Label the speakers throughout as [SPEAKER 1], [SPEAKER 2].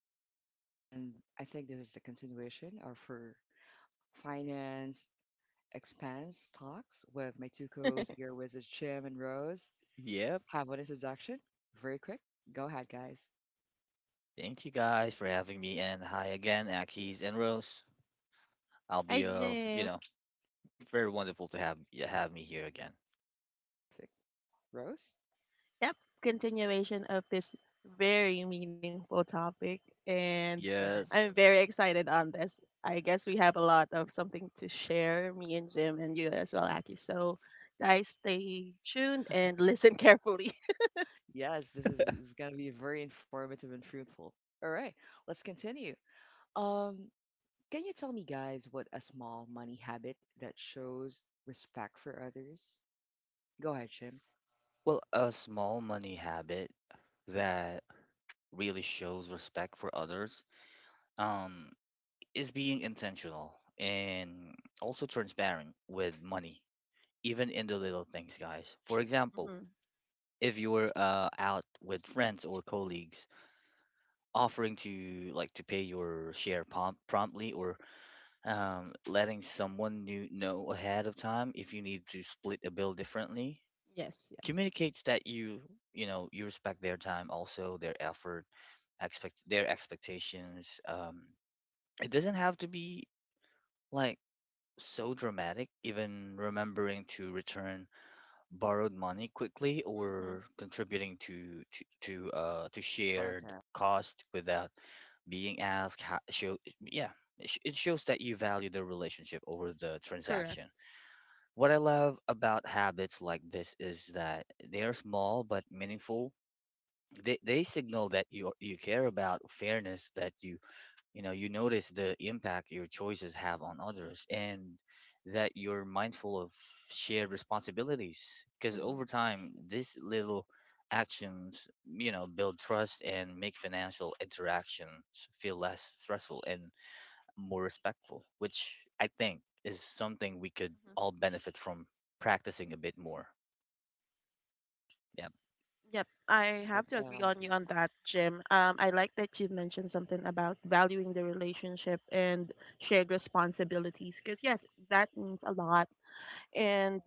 [SPEAKER 1] is Akis again, and I think this is the continuation of our finance expense talks with my two co-hosts here, with us, Jim and Rose.
[SPEAKER 2] Yep.
[SPEAKER 1] Have an introduction, very quick. Go ahead, guys.
[SPEAKER 2] Thank you guys for having me. And hi again, Akis and Rose. I'll
[SPEAKER 3] Hi,
[SPEAKER 2] be
[SPEAKER 3] Jim.
[SPEAKER 2] very wonderful to have you have me here again.
[SPEAKER 1] Perfect. Rose.
[SPEAKER 3] Yep, continuation of this very meaningful topic. And
[SPEAKER 1] uh
[SPEAKER 2] Yes.
[SPEAKER 3] I'm very excited on this. I guess we have a lot of something to share, me and Jim, and you as well, Aki. So, guys, stay tuned and listen carefully.
[SPEAKER 1] Yes, this is going to be very informative and fruitful. All right, let's continue. Um, can you tell me, guys, what a small money habit that shows respect for others? Go ahead, Jim.
[SPEAKER 2] Well, a small money habit that really shows respect for others um is being intentional and also transparent with money, even in the little things, guys. For example,
[SPEAKER 3] Hmm.
[SPEAKER 2] if you're out with friends or colleagues, offering to pay your share promptly or letting someone new know ahead of time if you need to split a bill differently
[SPEAKER 3] Yes, yes.
[SPEAKER 2] communicates that you respect their time, also their effort, expect their expectations. It doesn't have to be like so dramatic. Even remembering to return borrowed money quickly
[SPEAKER 3] Hmm.
[SPEAKER 2] or contributing to
[SPEAKER 1] I love
[SPEAKER 2] shared
[SPEAKER 1] that.
[SPEAKER 2] cost without being asked, how, show yeah it it shows that you value the relationship over the
[SPEAKER 3] Correct.
[SPEAKER 2] transaction. What I love about habits like this is that they are small but meaningful. They signal that you care about fairness, that you notice the impact your choices have on others, and that you're mindful of shared responsibilities. Because
[SPEAKER 3] Hmm.
[SPEAKER 2] over time, these little actions, build trust and make financial interactions feel less stressful and more respectful, which I think is something we could all benefit from practicing a bit more. Yeah.
[SPEAKER 3] Yep, I have
[SPEAKER 1] That
[SPEAKER 3] to
[SPEAKER 1] I
[SPEAKER 3] agree
[SPEAKER 1] love.
[SPEAKER 3] on you on that, Jim. I like that you mentioned something about valuing the relationship and shared responsibilities because, yes, that means a lot. And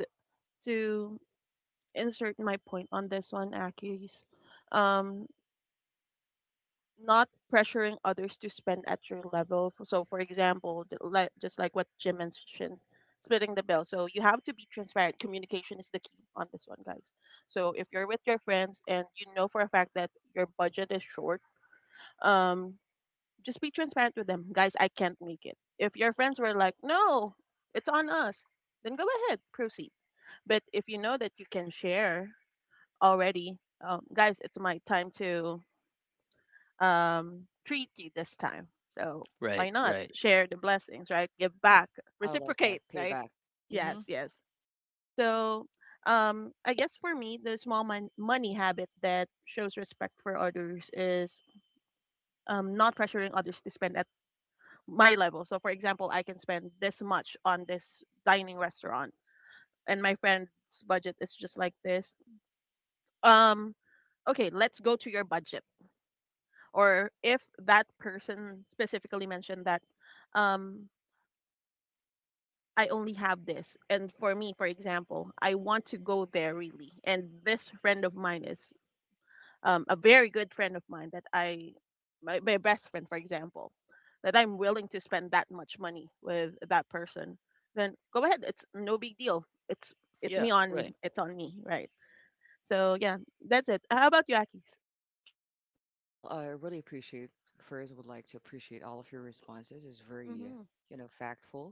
[SPEAKER 3] to insert my point on this one, Akis, um, not pressuring others to spend at your level. So, for example, like just like what Jim mentioned, splitting the bill. So you have to be transparent. Communication is the key on this one, guys. So if you're with your friends and you know for a fact that your budget is short, um, just be transparent with them, guys. I can't make it. If your friends were like, "No, it's on us," then go ahead, proceed. But if you know that you can share already, guys, it's my time to treat you this time. So why
[SPEAKER 2] Right,
[SPEAKER 3] not
[SPEAKER 2] right.
[SPEAKER 3] share the blessings, right? Give
[SPEAKER 1] Yeah,
[SPEAKER 3] back,
[SPEAKER 1] I love that
[SPEAKER 3] reciprocate, right?
[SPEAKER 1] payback. Hmm.
[SPEAKER 3] Yes, yes. So I guess for me, the small money habit that shows respect for others is not pressuring others to spend at my level. So, for example, I can spend this much on this dining restaurant, and my friend's budget is just like this. Um, okay, let's go to your budget, or if that person specifically mentioned that um I only have this, and for me, for example, I want to go there really, and this friend of mine is a very good friend of mine that my best friend, for example, that I'm willing to spend that much money with that person, then go ahead, it's no big deal. it's it's me
[SPEAKER 2] Yeah,
[SPEAKER 3] on
[SPEAKER 2] right.
[SPEAKER 3] it's on me, right? So yeah, that's it. How about you, Akis?
[SPEAKER 1] Well, I really appreciate. First, would like to appreciate all of your responses. It's very,
[SPEAKER 3] Mhm.
[SPEAKER 1] you know, factful.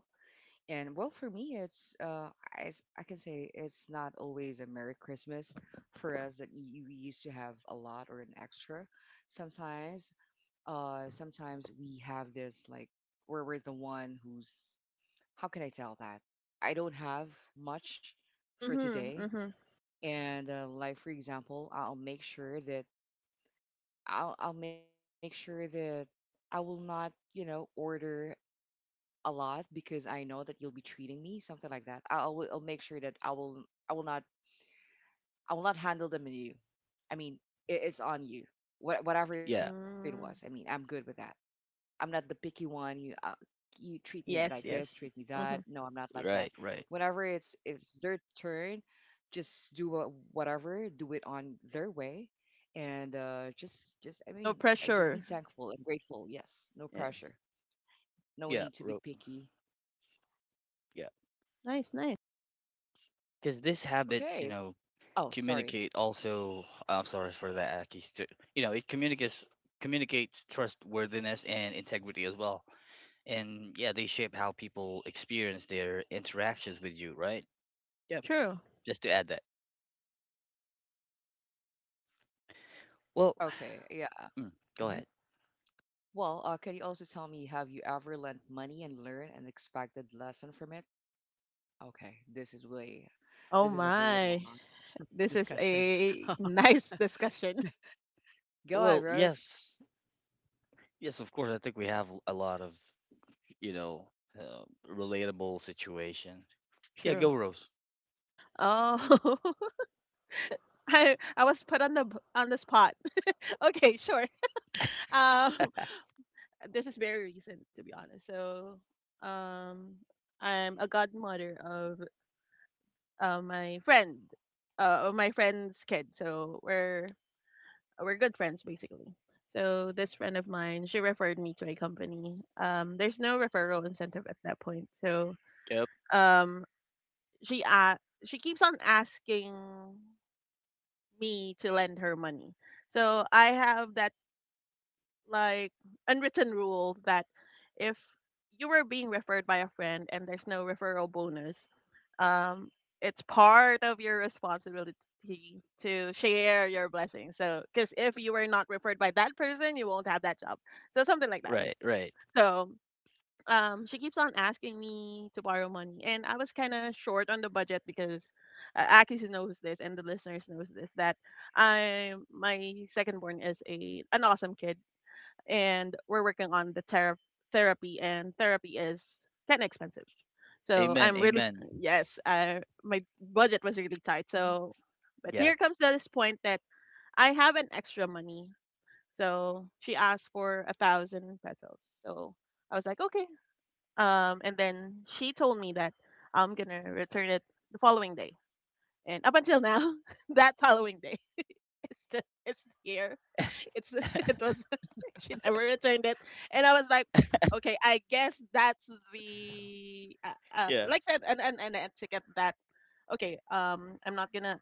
[SPEAKER 1] And well, for me, I can say it's not always a Merry Christmas for us that we used to have a lot or an extra. Sometimes, sometimes we have this like where we're the one who's how can I tell that I don't have much for today.
[SPEAKER 3] Mhm.
[SPEAKER 1] And like for example, I'll make sure that I will not, you know, order a lot because I know that you'll be treating me, something like that. I'll make sure that I will not I will not handle the menu. I mean, it's on you. Whatever it
[SPEAKER 2] Yeah,
[SPEAKER 1] was. I mean, I'm good
[SPEAKER 3] Mhm.
[SPEAKER 1] with that. I'm not the picky one. You treat me like this, treat
[SPEAKER 3] Yes,
[SPEAKER 1] me
[SPEAKER 3] yes.
[SPEAKER 1] that. No, I'm
[SPEAKER 3] Hmm.
[SPEAKER 1] not like that.
[SPEAKER 2] right, right.
[SPEAKER 1] Whenever it's their turn, just do whatever, do it on their way, and just I mean,
[SPEAKER 3] No
[SPEAKER 1] just be
[SPEAKER 3] pressure.
[SPEAKER 1] thankful and grateful. Yes, no pressure,
[SPEAKER 3] Yes.
[SPEAKER 1] no
[SPEAKER 2] Yeah,
[SPEAKER 1] need to be
[SPEAKER 2] ro-
[SPEAKER 1] picky.
[SPEAKER 2] yeah.
[SPEAKER 3] Nice, nice.
[SPEAKER 2] Because these habits, you
[SPEAKER 1] Okay. s-
[SPEAKER 2] know,
[SPEAKER 1] Oh, sorry.
[SPEAKER 2] communicate also. I'm sorry for that, Aki. You know, it communicates trustworthiness and integrity as well. And yeah, they shape how people experience their interactions with you, right? Yep.
[SPEAKER 3] True.
[SPEAKER 2] Just to add that. Well,
[SPEAKER 1] Okay. Yeah.
[SPEAKER 2] mm, go
[SPEAKER 1] Hmm.
[SPEAKER 2] ahead.
[SPEAKER 1] Well, can you also tell me, have you ever lent money and learned an expected lesson from it? Okay, this is way.
[SPEAKER 3] Oh
[SPEAKER 1] This is a very
[SPEAKER 3] my.
[SPEAKER 1] long
[SPEAKER 3] This is
[SPEAKER 1] discussion.
[SPEAKER 3] a nice discussion.
[SPEAKER 1] Go
[SPEAKER 2] Well,
[SPEAKER 1] ahead, Rose.
[SPEAKER 2] yes. Yes, of course. I think we have a lot of, you know, uh, relatable situation. Yeah,
[SPEAKER 3] True.
[SPEAKER 2] go Rose.
[SPEAKER 3] Oh, I was put on the spot. Okay, sure.
[SPEAKER 1] Yep.
[SPEAKER 3] Um, this is very recent, to be honest. So, um, I'm a godmother of my friend, of my friend's kid. So we're good friends basically. So this friend of mine, she referred me to a company. There's no referral incentive at that point. So
[SPEAKER 2] Yep.
[SPEAKER 3] um, she uh, she keeps on asking me to lend her money. So I have that like unwritten rule that if you were being referred by a friend and there's no referral bonus, um, it's part of your responsibility to share your blessings. So, because if you were not referred by that person, you won't have that job. So something like that.
[SPEAKER 2] Right, right.
[SPEAKER 3] So she keeps on asking me to borrow money, and I was kind of short on the budget because Akis knows this, and the listeners knows this, that I my second born is a an awesome kid, and we're working on the therapy, and therapy is kind of expensive, so
[SPEAKER 2] Amen,
[SPEAKER 3] I'm really...
[SPEAKER 2] amen.
[SPEAKER 3] Yes, my budget was really tight.
[SPEAKER 1] Hmm.
[SPEAKER 3] So but
[SPEAKER 2] Yeah.
[SPEAKER 3] here comes this point that I have an extra money, so she asked for a thousand pesos. So I was like, okay, and then she told me that I'm gonna return it the following day. And up until now, that following day, it's... the it's here. It's it was she never returned it, and I was like, okay, I guess that's the
[SPEAKER 2] Yeah.
[SPEAKER 3] like that, and etiquette. That, okay, I'm not gonna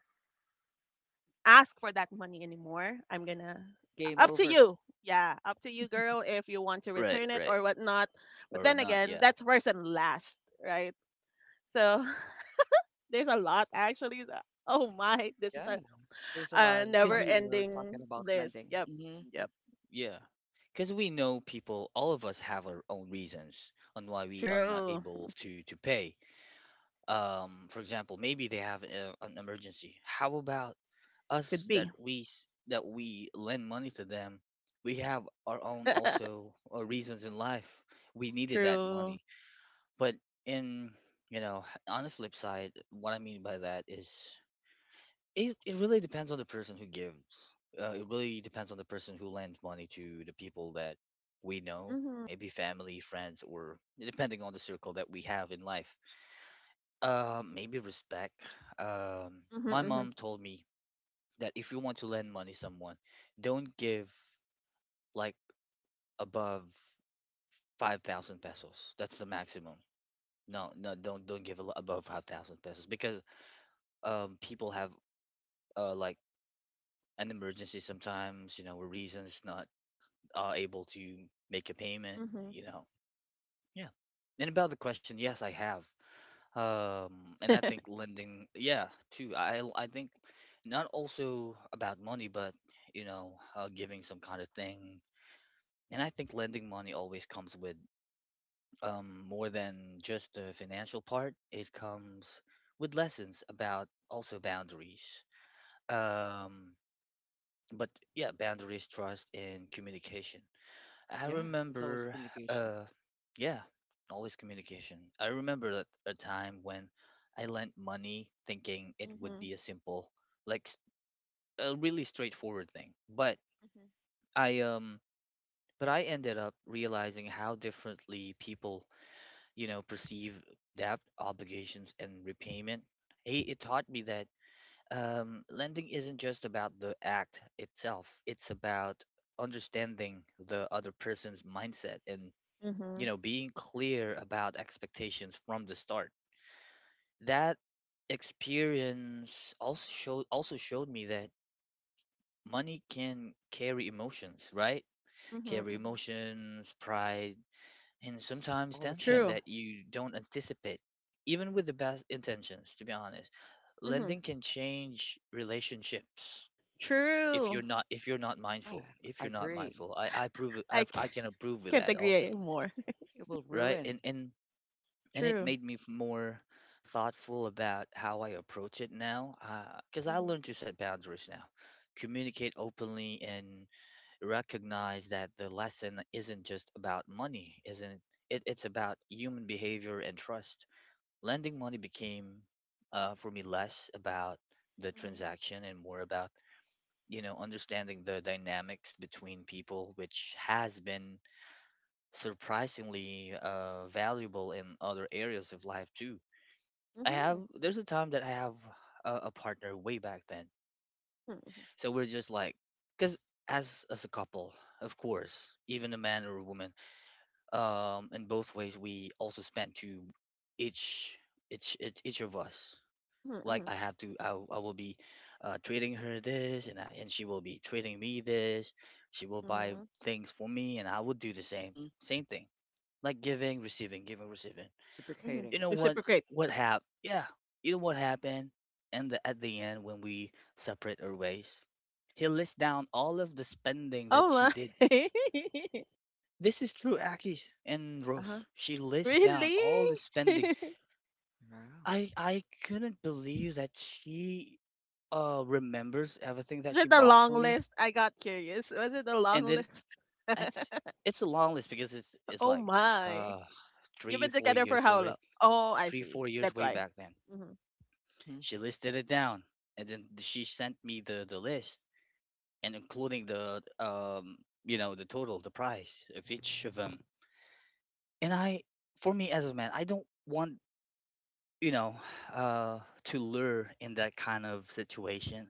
[SPEAKER 3] ask for that money anymore. I'm gonna...
[SPEAKER 1] Game
[SPEAKER 3] up to
[SPEAKER 1] over.
[SPEAKER 3] you. Yeah, up to you, girl, if you want to
[SPEAKER 2] Right,
[SPEAKER 3] return it
[SPEAKER 2] right.
[SPEAKER 3] or whatnot. But
[SPEAKER 2] Or
[SPEAKER 3] then
[SPEAKER 2] not,
[SPEAKER 3] again,
[SPEAKER 2] yeah.
[SPEAKER 3] that's first and last, right? So there's a lot actually. Oh my, this is
[SPEAKER 1] Yeah,
[SPEAKER 3] a,
[SPEAKER 1] there's a
[SPEAKER 3] a
[SPEAKER 1] lot,
[SPEAKER 2] Because
[SPEAKER 3] never
[SPEAKER 1] especially
[SPEAKER 2] we,
[SPEAKER 1] when we're talking
[SPEAKER 3] ending
[SPEAKER 1] about
[SPEAKER 3] list.
[SPEAKER 1] lending.
[SPEAKER 3] Yep,
[SPEAKER 1] Hmm.
[SPEAKER 3] yep.
[SPEAKER 2] yeah. Because we know people, all of us have our own reasons on why we are not
[SPEAKER 3] True.
[SPEAKER 2] able to pay. For example, maybe they have an emergency. How about
[SPEAKER 3] Could
[SPEAKER 2] us that
[SPEAKER 3] be.
[SPEAKER 2] that we lend money to them? We have our own also reasons in life. We needed that
[SPEAKER 3] True.
[SPEAKER 2] money, but in you know, on the flip side, what I mean by that is, it really depends on the person who gives. It really depends on the person who lends money to the people that we know,
[SPEAKER 3] Mhm.
[SPEAKER 2] maybe family, friends, or depending on the circle that we have in life. Maybe respect. My
[SPEAKER 3] Mhm.
[SPEAKER 2] mom told me that if you want to lend money someone, don't give like above 5,000 pesos. That's the maximum. No, no, don't give a above 5,000 pesos, because people have like an emergency sometimes. You know, or reasons not able to make a payment.
[SPEAKER 3] Mhm.
[SPEAKER 2] You know, yeah. And about the question, yes, I have. And I think lending, yeah, too. I think not also about money, but you know, giving some kind of thing. And I think lending money always comes with more than just the financial part. It comes with lessons about also boundaries. Um, but yeah, boundaries, trust, and communication. I
[SPEAKER 1] Yeah, it's always a
[SPEAKER 2] remember,
[SPEAKER 1] communication.
[SPEAKER 2] uh, yeah, always communication. I remember that a time when I lent money thinking it
[SPEAKER 3] Mhm.
[SPEAKER 2] would
[SPEAKER 3] Mhm.
[SPEAKER 2] be a simple, like s- a really straightforward thing. But
[SPEAKER 3] Mhm.
[SPEAKER 2] I um, I ended up realizing how differently people, you know, perceive debt, obligations, and repayment. It taught me that lending isn't just about the act itself, it's about understanding the other person's mindset and, you
[SPEAKER 3] Mhm.
[SPEAKER 2] know, being clear about expectations from the start. That experience also showed me that money can carry emotions, right?
[SPEAKER 3] Mhm.
[SPEAKER 2] Carry
[SPEAKER 3] Mhm.
[SPEAKER 2] emotions, pride, and
[SPEAKER 1] Yes,
[SPEAKER 2] sometimes
[SPEAKER 1] all the
[SPEAKER 2] tension
[SPEAKER 3] True.
[SPEAKER 1] time.
[SPEAKER 2] that you don't anticipate, even with the best intentions, to be honest.
[SPEAKER 3] Mhm.
[SPEAKER 2] Lending can change relationships
[SPEAKER 3] True.
[SPEAKER 2] if you're not mindful.
[SPEAKER 1] Yeah,
[SPEAKER 2] If you're
[SPEAKER 1] I
[SPEAKER 2] not mindful,
[SPEAKER 1] agree.
[SPEAKER 3] I
[SPEAKER 2] I've,
[SPEAKER 3] c-
[SPEAKER 2] I can approve with
[SPEAKER 3] can't
[SPEAKER 2] that also,
[SPEAKER 3] agree more.
[SPEAKER 1] It will
[SPEAKER 2] right? And
[SPEAKER 1] ruin.
[SPEAKER 2] and and it
[SPEAKER 3] True.
[SPEAKER 2] made me more thoughtful about how I approach it now, because I
[SPEAKER 3] Mhm.
[SPEAKER 2] learned to set boundaries now, communicate openly, and recognize that the lesson isn't just about money, isn't it? It's about human behavior and trust. Lending money became, for me, less about the
[SPEAKER 3] Mhm.
[SPEAKER 2] transaction and more about, you know, understanding the dynamics between people, which has been surprisingly valuable in other areas of life too. I have
[SPEAKER 3] Mhm.
[SPEAKER 2] There's a time that I have a partner way back then,
[SPEAKER 3] Mhm.
[SPEAKER 2] so we're just like, because as a couple, of course, even a man or a woman, in both ways, we also spend to each each of us.
[SPEAKER 3] Mhm.
[SPEAKER 2] Like,
[SPEAKER 3] Mhm.
[SPEAKER 2] I have to I, w- I will be treating her this, and she will be treating me this. She will buy
[SPEAKER 3] Mhm.
[SPEAKER 2] things for me, and I will do the same
[SPEAKER 1] Mm hmm
[SPEAKER 2] same thing, like giving, receiving, giving, receiving,
[SPEAKER 3] Mhm.
[SPEAKER 2] you know.
[SPEAKER 1] Reciprocating. Uh huh.
[SPEAKER 3] Reciprocate.
[SPEAKER 2] What happened yeah You know what happened? And at the end, when we separate our ways, he lists down all of the spending that she
[SPEAKER 3] Oh
[SPEAKER 2] did.
[SPEAKER 3] my.
[SPEAKER 2] This is true, Akis and
[SPEAKER 1] Uh
[SPEAKER 2] Rose.
[SPEAKER 1] huh.
[SPEAKER 2] She lists down
[SPEAKER 3] Really?
[SPEAKER 2] all the spending.
[SPEAKER 1] Wow.
[SPEAKER 2] I couldn't believe that she remembers everything that
[SPEAKER 3] Was
[SPEAKER 2] she
[SPEAKER 3] it a
[SPEAKER 2] bought
[SPEAKER 3] long
[SPEAKER 2] for me.
[SPEAKER 3] list? I got curious. Was it a
[SPEAKER 2] And
[SPEAKER 3] long
[SPEAKER 2] then,
[SPEAKER 3] list?
[SPEAKER 2] it's a long list, because it's
[SPEAKER 3] Oh
[SPEAKER 2] like
[SPEAKER 3] my.
[SPEAKER 2] uh
[SPEAKER 3] You've
[SPEAKER 2] three
[SPEAKER 3] been
[SPEAKER 2] four
[SPEAKER 3] together for
[SPEAKER 2] years
[SPEAKER 3] how long?
[SPEAKER 2] already,
[SPEAKER 3] Oh, I
[SPEAKER 2] three
[SPEAKER 3] see.
[SPEAKER 2] four years
[SPEAKER 3] That's
[SPEAKER 2] way
[SPEAKER 3] why.
[SPEAKER 2] back then.
[SPEAKER 3] Hmm.
[SPEAKER 1] Hmm.
[SPEAKER 2] She listed it down, and then she sent me the list, and including the the total, the price of each of them. And I, for me as a man, I don't want, you know, to lure in that kind of situation,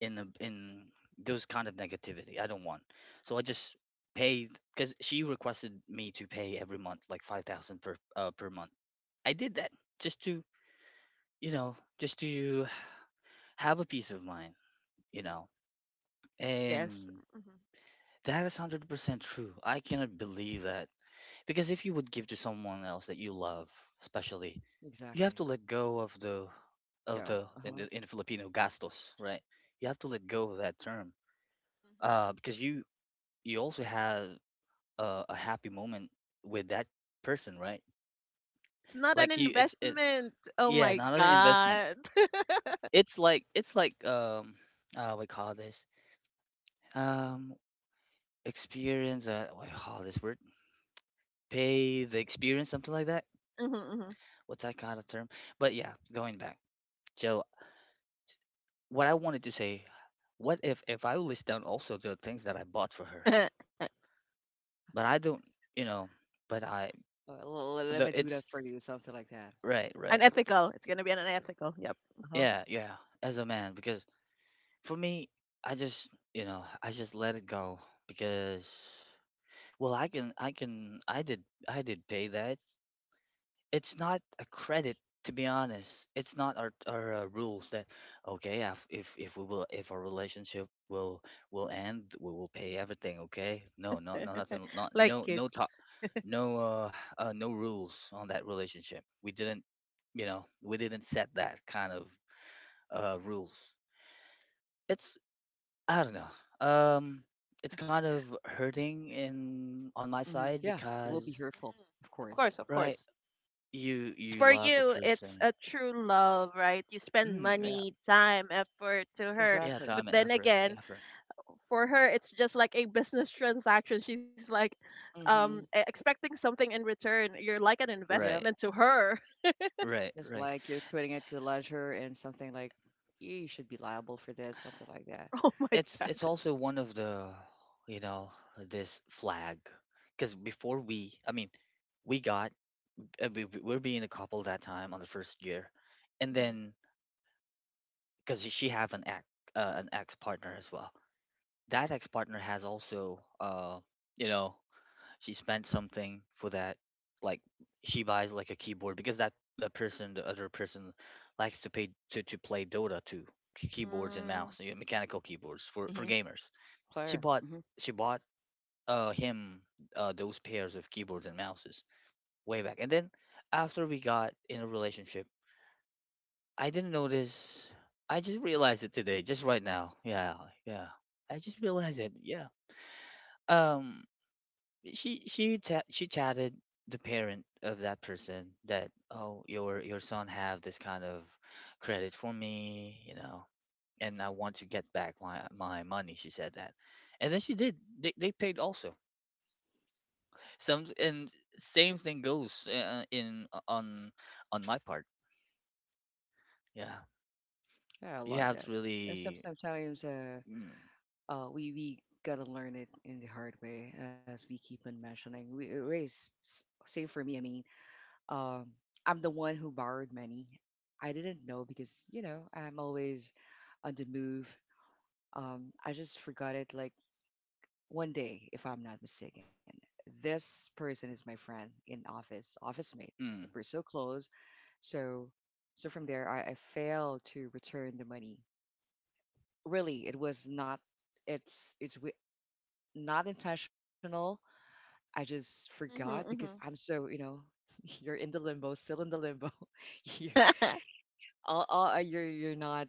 [SPEAKER 2] in the in those kind of negativity, I don't want. So I just paid, because she requested me to pay every month, like 5000 per per month. I did that just to, you know, just to have a peace of mind, you know.
[SPEAKER 3] Yes.
[SPEAKER 2] And
[SPEAKER 3] Hmm.
[SPEAKER 2] that is 100% true, I cannot believe that. Because if you would give to someone else that you love, especially, you have to
[SPEAKER 1] Exactly.
[SPEAKER 2] let go of the
[SPEAKER 1] Let go.
[SPEAKER 2] in
[SPEAKER 1] Uh
[SPEAKER 2] the, in
[SPEAKER 1] huh.
[SPEAKER 2] the Filipino gastos, right? You have to let go of that term,
[SPEAKER 3] Hmm.
[SPEAKER 2] because you also have a happy moment with that person, right?
[SPEAKER 3] It's not an
[SPEAKER 2] Like you, it's it,
[SPEAKER 3] investment. Oh
[SPEAKER 2] yeah,
[SPEAKER 3] my
[SPEAKER 2] not an investment.
[SPEAKER 3] god.
[SPEAKER 2] It's like, it's like, we call this um experience. What do you call this word? Pay the experience, something like that.
[SPEAKER 3] Hmm. Hmm.
[SPEAKER 2] What's that kind of term? But yeah, going back. So what I wanted to say, what if I list down also the things that I bought for her, but I don't, you know, but I the
[SPEAKER 1] Let me
[SPEAKER 2] it's
[SPEAKER 1] do that for you. Something like that.
[SPEAKER 2] right, right,
[SPEAKER 3] Unethical. It's gonna be unethical. Yep.
[SPEAKER 1] Uh huh.
[SPEAKER 2] yeah, yeah. As a man, because for me, I just, you know, I just let it go, because well, I did, I did pay that. It's not a credit, to be honest. It's not our, our rules that, okay, if, if we will, if our relationship will end, we will pay everything, okay. No no no, nothing, not
[SPEAKER 3] Like
[SPEAKER 2] no no
[SPEAKER 3] kids.
[SPEAKER 2] talk. No, no rules on that relationship. We didn't, you know, we didn't set that kind of rules. It's, I don't know, it's kind of hurting in on
[SPEAKER 1] mm
[SPEAKER 2] my
[SPEAKER 1] hmm Yeah,
[SPEAKER 2] side,
[SPEAKER 1] it will be
[SPEAKER 3] Hmm.
[SPEAKER 2] because
[SPEAKER 1] hurtful,
[SPEAKER 3] Hmm.
[SPEAKER 1] of
[SPEAKER 3] Of
[SPEAKER 1] course.
[SPEAKER 3] course, of
[SPEAKER 2] right,
[SPEAKER 3] course.
[SPEAKER 2] you
[SPEAKER 3] Because
[SPEAKER 2] you
[SPEAKER 3] for
[SPEAKER 2] love the
[SPEAKER 3] you, it's
[SPEAKER 2] person.
[SPEAKER 3] a true love, right? You spend
[SPEAKER 2] Yeah.
[SPEAKER 3] money, time, effort to her.
[SPEAKER 2] Yeah,
[SPEAKER 3] But
[SPEAKER 2] time
[SPEAKER 1] Exactly.
[SPEAKER 2] and
[SPEAKER 3] then
[SPEAKER 2] effort.
[SPEAKER 3] again,
[SPEAKER 2] Effort.
[SPEAKER 3] for her it's just like a business transaction. She's like
[SPEAKER 1] Mm-hmm.
[SPEAKER 3] expecting something in return. You're like an
[SPEAKER 2] Right.
[SPEAKER 1] Yeah,
[SPEAKER 3] investment to her.
[SPEAKER 2] Right.
[SPEAKER 1] it's
[SPEAKER 2] Right.
[SPEAKER 1] like you're putting it to ledger and something like you should be liable for this, something like that.
[SPEAKER 3] Oh my
[SPEAKER 2] It's
[SPEAKER 3] god.
[SPEAKER 2] it's also one of the, you know, this flag. Because before I mean, we got, we were being a couple that time on the first year, and
[SPEAKER 3] Mm-hmm.
[SPEAKER 2] then because she have an ex, an ex partner as well. That ex partner has also, you know, she spent something for that, like she buys like a keyboard, because that the person the other person likes to pay to play dota too. Keyboards and
[SPEAKER 3] Mm.
[SPEAKER 2] mouse, you know, mechanical keyboards for
[SPEAKER 1] Mm-hmm.
[SPEAKER 2] gamers. she
[SPEAKER 1] Player.
[SPEAKER 2] bought
[SPEAKER 1] Mm-hmm.
[SPEAKER 2] she bought him those pairs of keyboards and mouses way back, and then after we got in a relationship, I didn't notice. I just realized it today, just right now, yeah, yeah, I just realized it, yeah. Um, she she chatted the parent of that person that, oh, your son have this kind of credit for me, you know, and I want to get back my, my money, she said that. And then she did, they paid also
[SPEAKER 1] Uh-huh.
[SPEAKER 2] some, and same thing goes, in on my part, yeah.
[SPEAKER 1] Yeah, I
[SPEAKER 2] You have
[SPEAKER 1] love
[SPEAKER 2] to
[SPEAKER 1] that. And
[SPEAKER 2] really,
[SPEAKER 1] sometimes
[SPEAKER 2] mm,
[SPEAKER 1] we gotta learn it in the hard way, as we keep on mentioning. We always say for me, I mean, um, I'm the one who borrowed money. I didn't know because you know I'm always on the move. I just forgot it like one day, if I'm not mistaken. This person is my friend in office, office mate. But we're
[SPEAKER 2] mm,
[SPEAKER 1] so close. So so from there I failed to return the money. Really, it was not it's it's wi- not intentional. I just forgot
[SPEAKER 3] Mm-hmm,
[SPEAKER 1] because I'm
[SPEAKER 3] mm-hmm.
[SPEAKER 1] so, you know, you're in the limbo, still in the limbo. you you're you're not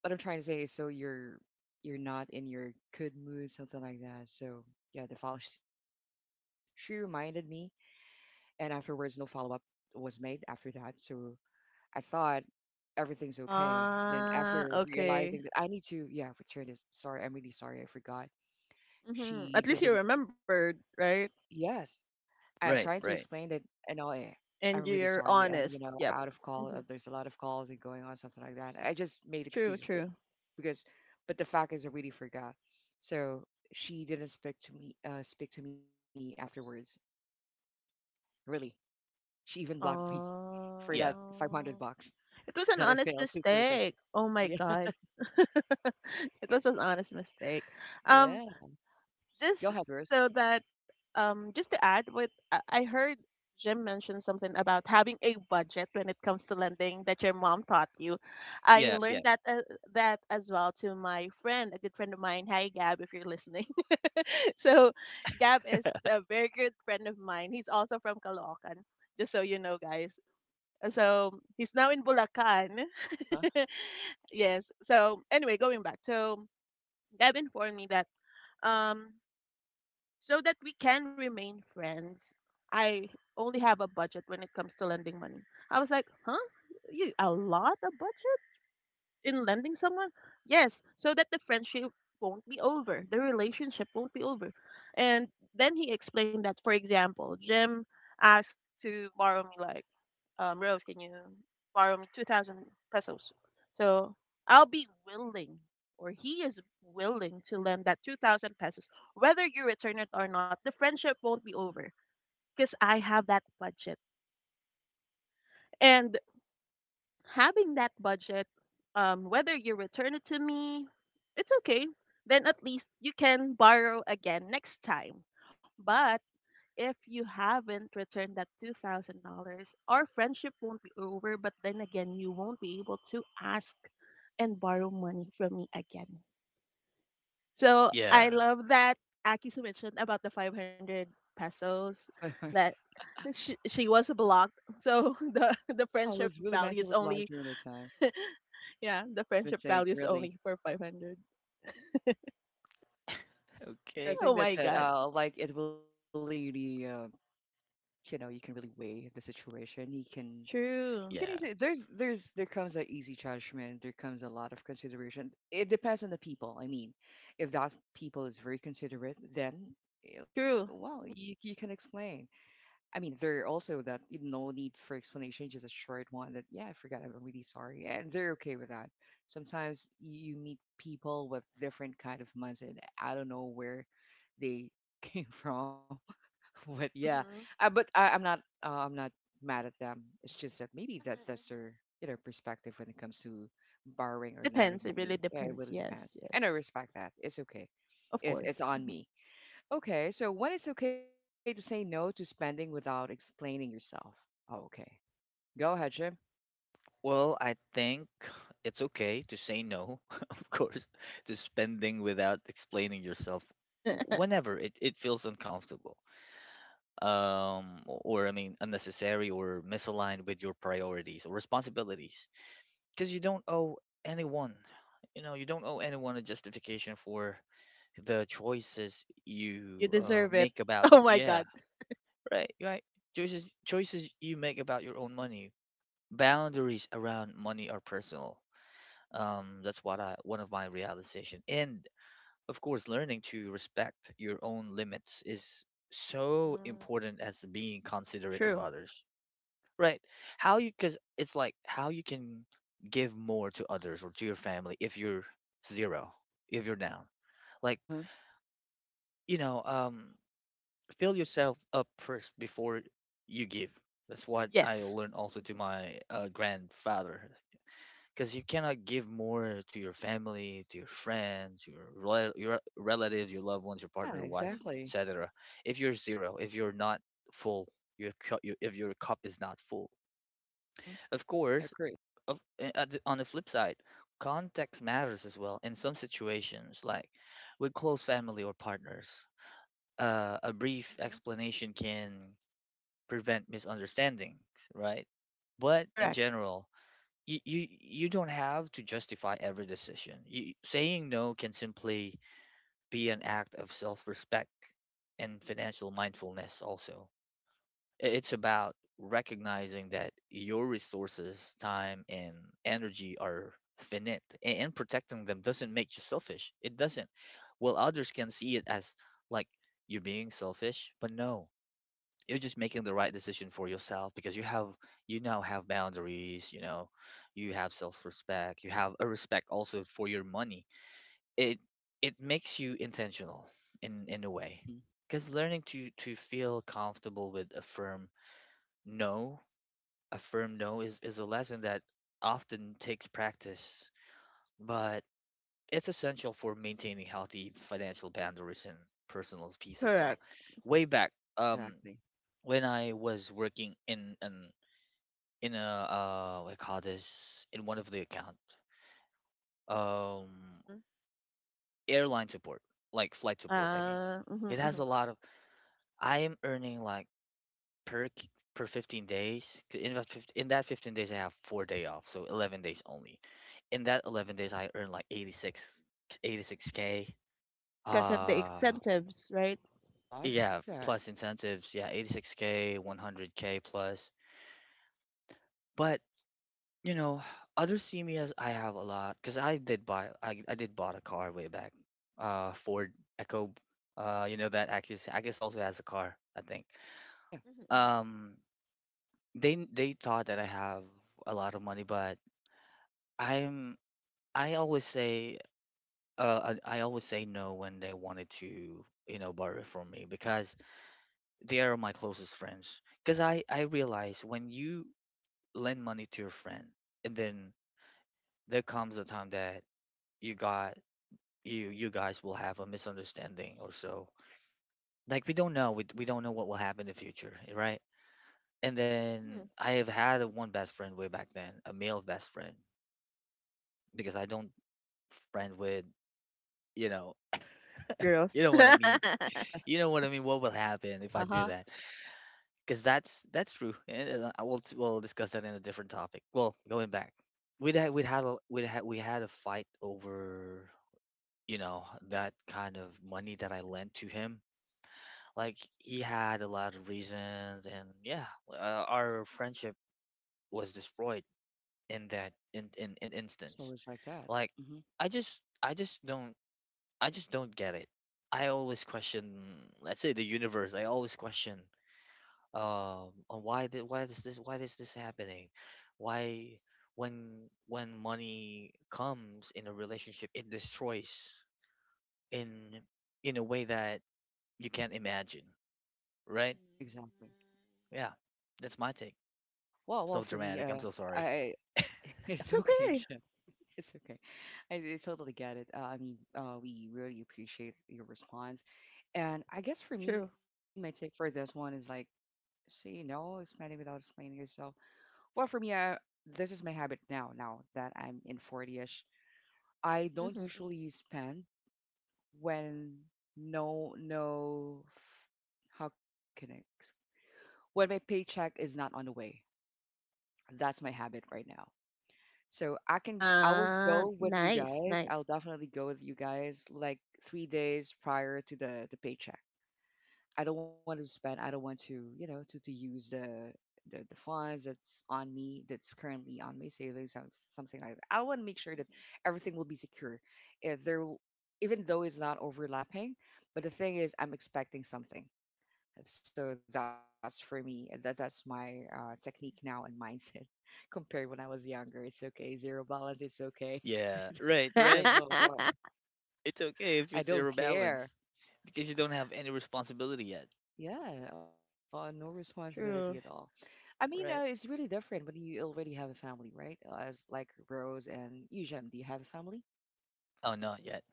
[SPEAKER 1] what I'm trying to say is so you're not in your good mood, something like that. So yeah, the file she reminded me and afterwards no follow-up was made after that, so I thought everything's okay. Then after realizing that
[SPEAKER 3] Okay.
[SPEAKER 1] I need to, yeah, return this. Sorry, I'm really sorry, I forgot.
[SPEAKER 3] Mm-hmm. At
[SPEAKER 1] She
[SPEAKER 3] least you
[SPEAKER 1] doesn't.
[SPEAKER 3] remembered, right?
[SPEAKER 1] Yes, I'm trying to explain
[SPEAKER 2] right
[SPEAKER 1] that.
[SPEAKER 2] right,
[SPEAKER 1] No, I'm really
[SPEAKER 3] And
[SPEAKER 1] sorry.
[SPEAKER 3] you're
[SPEAKER 1] I'm, you know,
[SPEAKER 3] honest.
[SPEAKER 1] out of
[SPEAKER 3] Yep.
[SPEAKER 1] call.
[SPEAKER 3] Mm-hmm.
[SPEAKER 1] There's a lot of calls and going on, something like that. I just made
[SPEAKER 3] True,
[SPEAKER 1] excuses, but
[SPEAKER 3] true.
[SPEAKER 1] because but the fact is I really forgot. So she didn't speak to me afterwards, really. She even blocked me for that
[SPEAKER 2] yeah
[SPEAKER 1] 500
[SPEAKER 3] uh,
[SPEAKER 1] bucks
[SPEAKER 3] it was an
[SPEAKER 1] that I
[SPEAKER 3] honest
[SPEAKER 1] failed to return.
[SPEAKER 3] mistake. Oh my
[SPEAKER 1] Yeah,
[SPEAKER 3] god. It was an honest mistake. um
[SPEAKER 1] yeah. Go
[SPEAKER 3] just...
[SPEAKER 1] ahead, Rose.
[SPEAKER 3] So that, just to add, what I heard Jim mention something about having a budget when it comes to lending that your mom taught you. I
[SPEAKER 2] yeah yeah
[SPEAKER 3] learned that that as well to my friend, a good friend of mine. Hi Gab, if you're listening. So Gab is a very good friend of mine. He's also from Caloocan, just so you know, guys. So he's now in Bulacan.
[SPEAKER 1] Uh-huh.
[SPEAKER 3] Yes. So anyway, going back. So Gab informed me that, um so that we can remain friends, I only have a budget when it comes to lending money. I was like, huh? You a lot of budget in lending someone? Yes, so that the friendship won't be over, the relationship won't be over. And then he explained that, for example, Jim asked to borrow me, like, Rose, can you borrow me 2,000 pesos? So I'll be willing, or he is willing, to lend that 2,000 pesos. Whether you return it or not, the friendship won't be over because I have that budget. And having that budget, whether you return it to me, it's okay. Then at least you can borrow again next time. But if you haven't returned that $2,000, our friendship won't be over, but then again, you won't be able to ask and borrow money from me again. So
[SPEAKER 2] yeah.
[SPEAKER 3] I love that Akisu mentioned about the 500
[SPEAKER 1] Yeah.
[SPEAKER 3] pesos
[SPEAKER 1] Yeah,
[SPEAKER 3] that she was blocked. So the
[SPEAKER 1] I
[SPEAKER 3] friendship
[SPEAKER 1] was really
[SPEAKER 3] values
[SPEAKER 1] mentally blocked
[SPEAKER 3] only,
[SPEAKER 1] during the time.
[SPEAKER 3] yeah, the
[SPEAKER 1] That's a
[SPEAKER 3] friendship
[SPEAKER 1] mistake,
[SPEAKER 3] values
[SPEAKER 1] really.
[SPEAKER 3] only for 500.
[SPEAKER 1] So I
[SPEAKER 2] Okay,
[SPEAKER 1] think
[SPEAKER 3] Oh
[SPEAKER 1] that's
[SPEAKER 3] my
[SPEAKER 1] it.
[SPEAKER 3] God.
[SPEAKER 1] Like it really, you know, you can really weigh the situation. You can
[SPEAKER 3] True.
[SPEAKER 2] yeah.
[SPEAKER 1] easily. There comes an easy judgment. There comes a lot of consideration. It depends on the people. I mean, if that people is very considerate, then eh, well,
[SPEAKER 3] True.
[SPEAKER 1] you can explain. I mean, there are also that you no need for explanation, just a short one that, yeah, I forgot, I'm really sorry. And they're okay with that. Sometimes you meet people with different kind of mindset. I don't know where they came from, but yeah,
[SPEAKER 3] Mm-hmm. Mm-hmm,
[SPEAKER 1] but I, I'm not mad at them. It's just that maybe that that's
[SPEAKER 3] mm-hmm.
[SPEAKER 1] their, you know, perspective when it comes to borrowing or lending
[SPEAKER 3] Depends. It
[SPEAKER 1] money.
[SPEAKER 3] really
[SPEAKER 1] Yeah, it really
[SPEAKER 3] depends. Yes,
[SPEAKER 1] depends.
[SPEAKER 3] yes.
[SPEAKER 1] And I respect that. It's okay.
[SPEAKER 3] Of
[SPEAKER 1] It's
[SPEAKER 3] course.
[SPEAKER 1] on me. Okay, so when it's okay to say no to spending without explaining yourself. Oh, okay. Go ahead, Jim.
[SPEAKER 2] Well, I think it's okay to say no, of course, to spending without explaining yourself whenever it feels uncomfortable. Or I mean, unnecessary or misaligned with your priorities or responsibilities. Because you don't owe anyone, you know, you don't owe anyone a justification for the choices you
[SPEAKER 3] You deserve it.
[SPEAKER 2] make about,
[SPEAKER 3] Oh my god.
[SPEAKER 2] yeah, right, right. Choices you make about your own money. Boundaries around money are personal, that's what I, one of my realization. And of course, learning to respect your own limits is so
[SPEAKER 3] Hmm.
[SPEAKER 2] important as being considerate of
[SPEAKER 3] True.
[SPEAKER 2] others, right? How you, because it's like how you can give more to others or to your family if you're zero, if you're down. Like
[SPEAKER 1] Uh-huh.
[SPEAKER 2] you know, um, fill yourself up first before you give. That's what I
[SPEAKER 3] Yes.
[SPEAKER 2] learned also to my grandfather. Because you cannot give more to your family, to your friends, your your relatives, your loved ones, your
[SPEAKER 1] Yeah,
[SPEAKER 2] partner, your wife,
[SPEAKER 3] Hmm. Hmm.
[SPEAKER 1] exactly.
[SPEAKER 2] etc. If you're zero, if you're not full, your if your cup is not full.
[SPEAKER 1] Mm-hmm.
[SPEAKER 2] Of course,
[SPEAKER 1] Agree.
[SPEAKER 2] of, at on the flip side, context matters as well. In some situations, like with close family or partners, a brief explanation can prevent misunderstandings, right? But in
[SPEAKER 3] Correct.
[SPEAKER 2] general, you don't have to justify every decision. You, saying no can simply be an act of self-respect and financial mindfulness also. It's about recognizing that your resources, time and energy are finite and protecting them doesn't make you selfish. It doesn't. Well, others can see it as like you're being selfish, but no, you're just making the right decision for yourself because you have, you now have boundaries, you know, you have self-respect, you have a respect also for your money. it it makes you intentional in a way,
[SPEAKER 1] Mm-hmm.
[SPEAKER 2] because learning to feel comfortable with a firm no, a firm no is a lesson that often takes practice, but it's essential for maintaining healthy financial boundaries and personal peace as well.
[SPEAKER 3] Correct.
[SPEAKER 2] Way back, um
[SPEAKER 1] Exactly.
[SPEAKER 2] when I was working in an, in a, what do call this, in one of the account, um
[SPEAKER 3] Hmm.
[SPEAKER 2] airline support, like flight support, I mean,
[SPEAKER 3] Hmm.
[SPEAKER 2] it has
[SPEAKER 3] Hmm.
[SPEAKER 2] a lot of, I am earning like per per 15 days, 'cause in that 15, in that 15 days I have 4 day off, so 11 days only. In that 11 days I earn like 86, 86 k.
[SPEAKER 3] Because of the
[SPEAKER 2] uh
[SPEAKER 3] incentives, right?
[SPEAKER 1] Love
[SPEAKER 2] yeah,
[SPEAKER 1] that.
[SPEAKER 2] plus incentives, yeah, 86k, 100k plus. But you know, others see me as I have a lot because I did buy, I did bought a car way back, Ford Echo, uh, you know that actually I guess also has a car I think.
[SPEAKER 1] Yeah.
[SPEAKER 3] Hmm.
[SPEAKER 2] Um, they thought that I have a lot of money, but I'm, I always say, I always say no when they wanted to, you know, borrow it from me, because they are my closest friends. Because I realize, when you lend money to your friend and then there comes a time that you got, you guys will have a misunderstanding or so. Like we don't know, we don't know what will happen in the future, eh, right? And
[SPEAKER 3] Hmm.
[SPEAKER 2] then I have had a one best friend way back then, a male best friend, because I don't friend with, you know,
[SPEAKER 3] With
[SPEAKER 2] you
[SPEAKER 3] girls.
[SPEAKER 2] know what I mean.
[SPEAKER 3] It's
[SPEAKER 1] Yeah.
[SPEAKER 2] You know what I mean. What will happen
[SPEAKER 1] Uh-huh.
[SPEAKER 2] if I do that? Because that's true, and I will, we'll discuss that in a different topic. Well, going back, we had a fight over, you know, that kind of money that I lent to him. Like he had a lot of reasons, and yeah, our friendship was destroyed in that,
[SPEAKER 1] Yeah,
[SPEAKER 2] in
[SPEAKER 1] it's always like
[SPEAKER 2] instance.
[SPEAKER 1] that. Mm-hmm.
[SPEAKER 2] Like I just don't, I just don't get it. I always question, let's say the universe. I always question, on why did, why is this happening? Why, when money comes in a relationship, it destroys in in a way that you can't imagine, right?
[SPEAKER 1] Exactly.
[SPEAKER 2] Yeah, that's my take.
[SPEAKER 1] Well, well,
[SPEAKER 2] So
[SPEAKER 1] for me,
[SPEAKER 2] dramatic. I'm so sorry.
[SPEAKER 1] I it's okay,
[SPEAKER 3] okay.
[SPEAKER 1] Jim. It's okay. I totally get it. I mean, we really appreciate your response. And I guess for me, my
[SPEAKER 3] True.
[SPEAKER 1] take for this one is like, say no, expanding without explaining yourself. Well, for me, this is my habit now. Now that I'm in 40ish, I don't
[SPEAKER 3] Hmm.
[SPEAKER 1] usually spend when no no. How can I? When my paycheck is not on the way. That's my habit right now. So I can I will go with you
[SPEAKER 3] Nice,
[SPEAKER 1] guys.
[SPEAKER 3] nice.
[SPEAKER 1] I'll definitely go with you guys like 3 days prior to the paycheck. I don't want to spend. I don't want to, you know, to use the funds that's on me, that's currently on my savings, something like that. I want to make
[SPEAKER 3] Mhm.
[SPEAKER 1] sure that everything will be secure. If even though it's not overlapping, but the thing is, I'm expecting something. So that's for me. That's my
[SPEAKER 3] I
[SPEAKER 1] technique
[SPEAKER 3] see.
[SPEAKER 1] now and mindset compared when I was younger. It's okay, zero balance. It's okay.
[SPEAKER 2] Yeah, right,
[SPEAKER 1] That's
[SPEAKER 2] right.
[SPEAKER 1] what
[SPEAKER 2] It's okay if
[SPEAKER 1] I
[SPEAKER 2] you're
[SPEAKER 1] don't
[SPEAKER 2] zero
[SPEAKER 1] care.
[SPEAKER 2] balance because you don't have any responsibility yet,
[SPEAKER 1] Yeah, no responsibility at all.
[SPEAKER 3] True.
[SPEAKER 1] I mean, it's really
[SPEAKER 2] right?
[SPEAKER 1] different when you already have a family, right? As like Rose and Eugem, do you have a family?
[SPEAKER 2] Oh, not yet.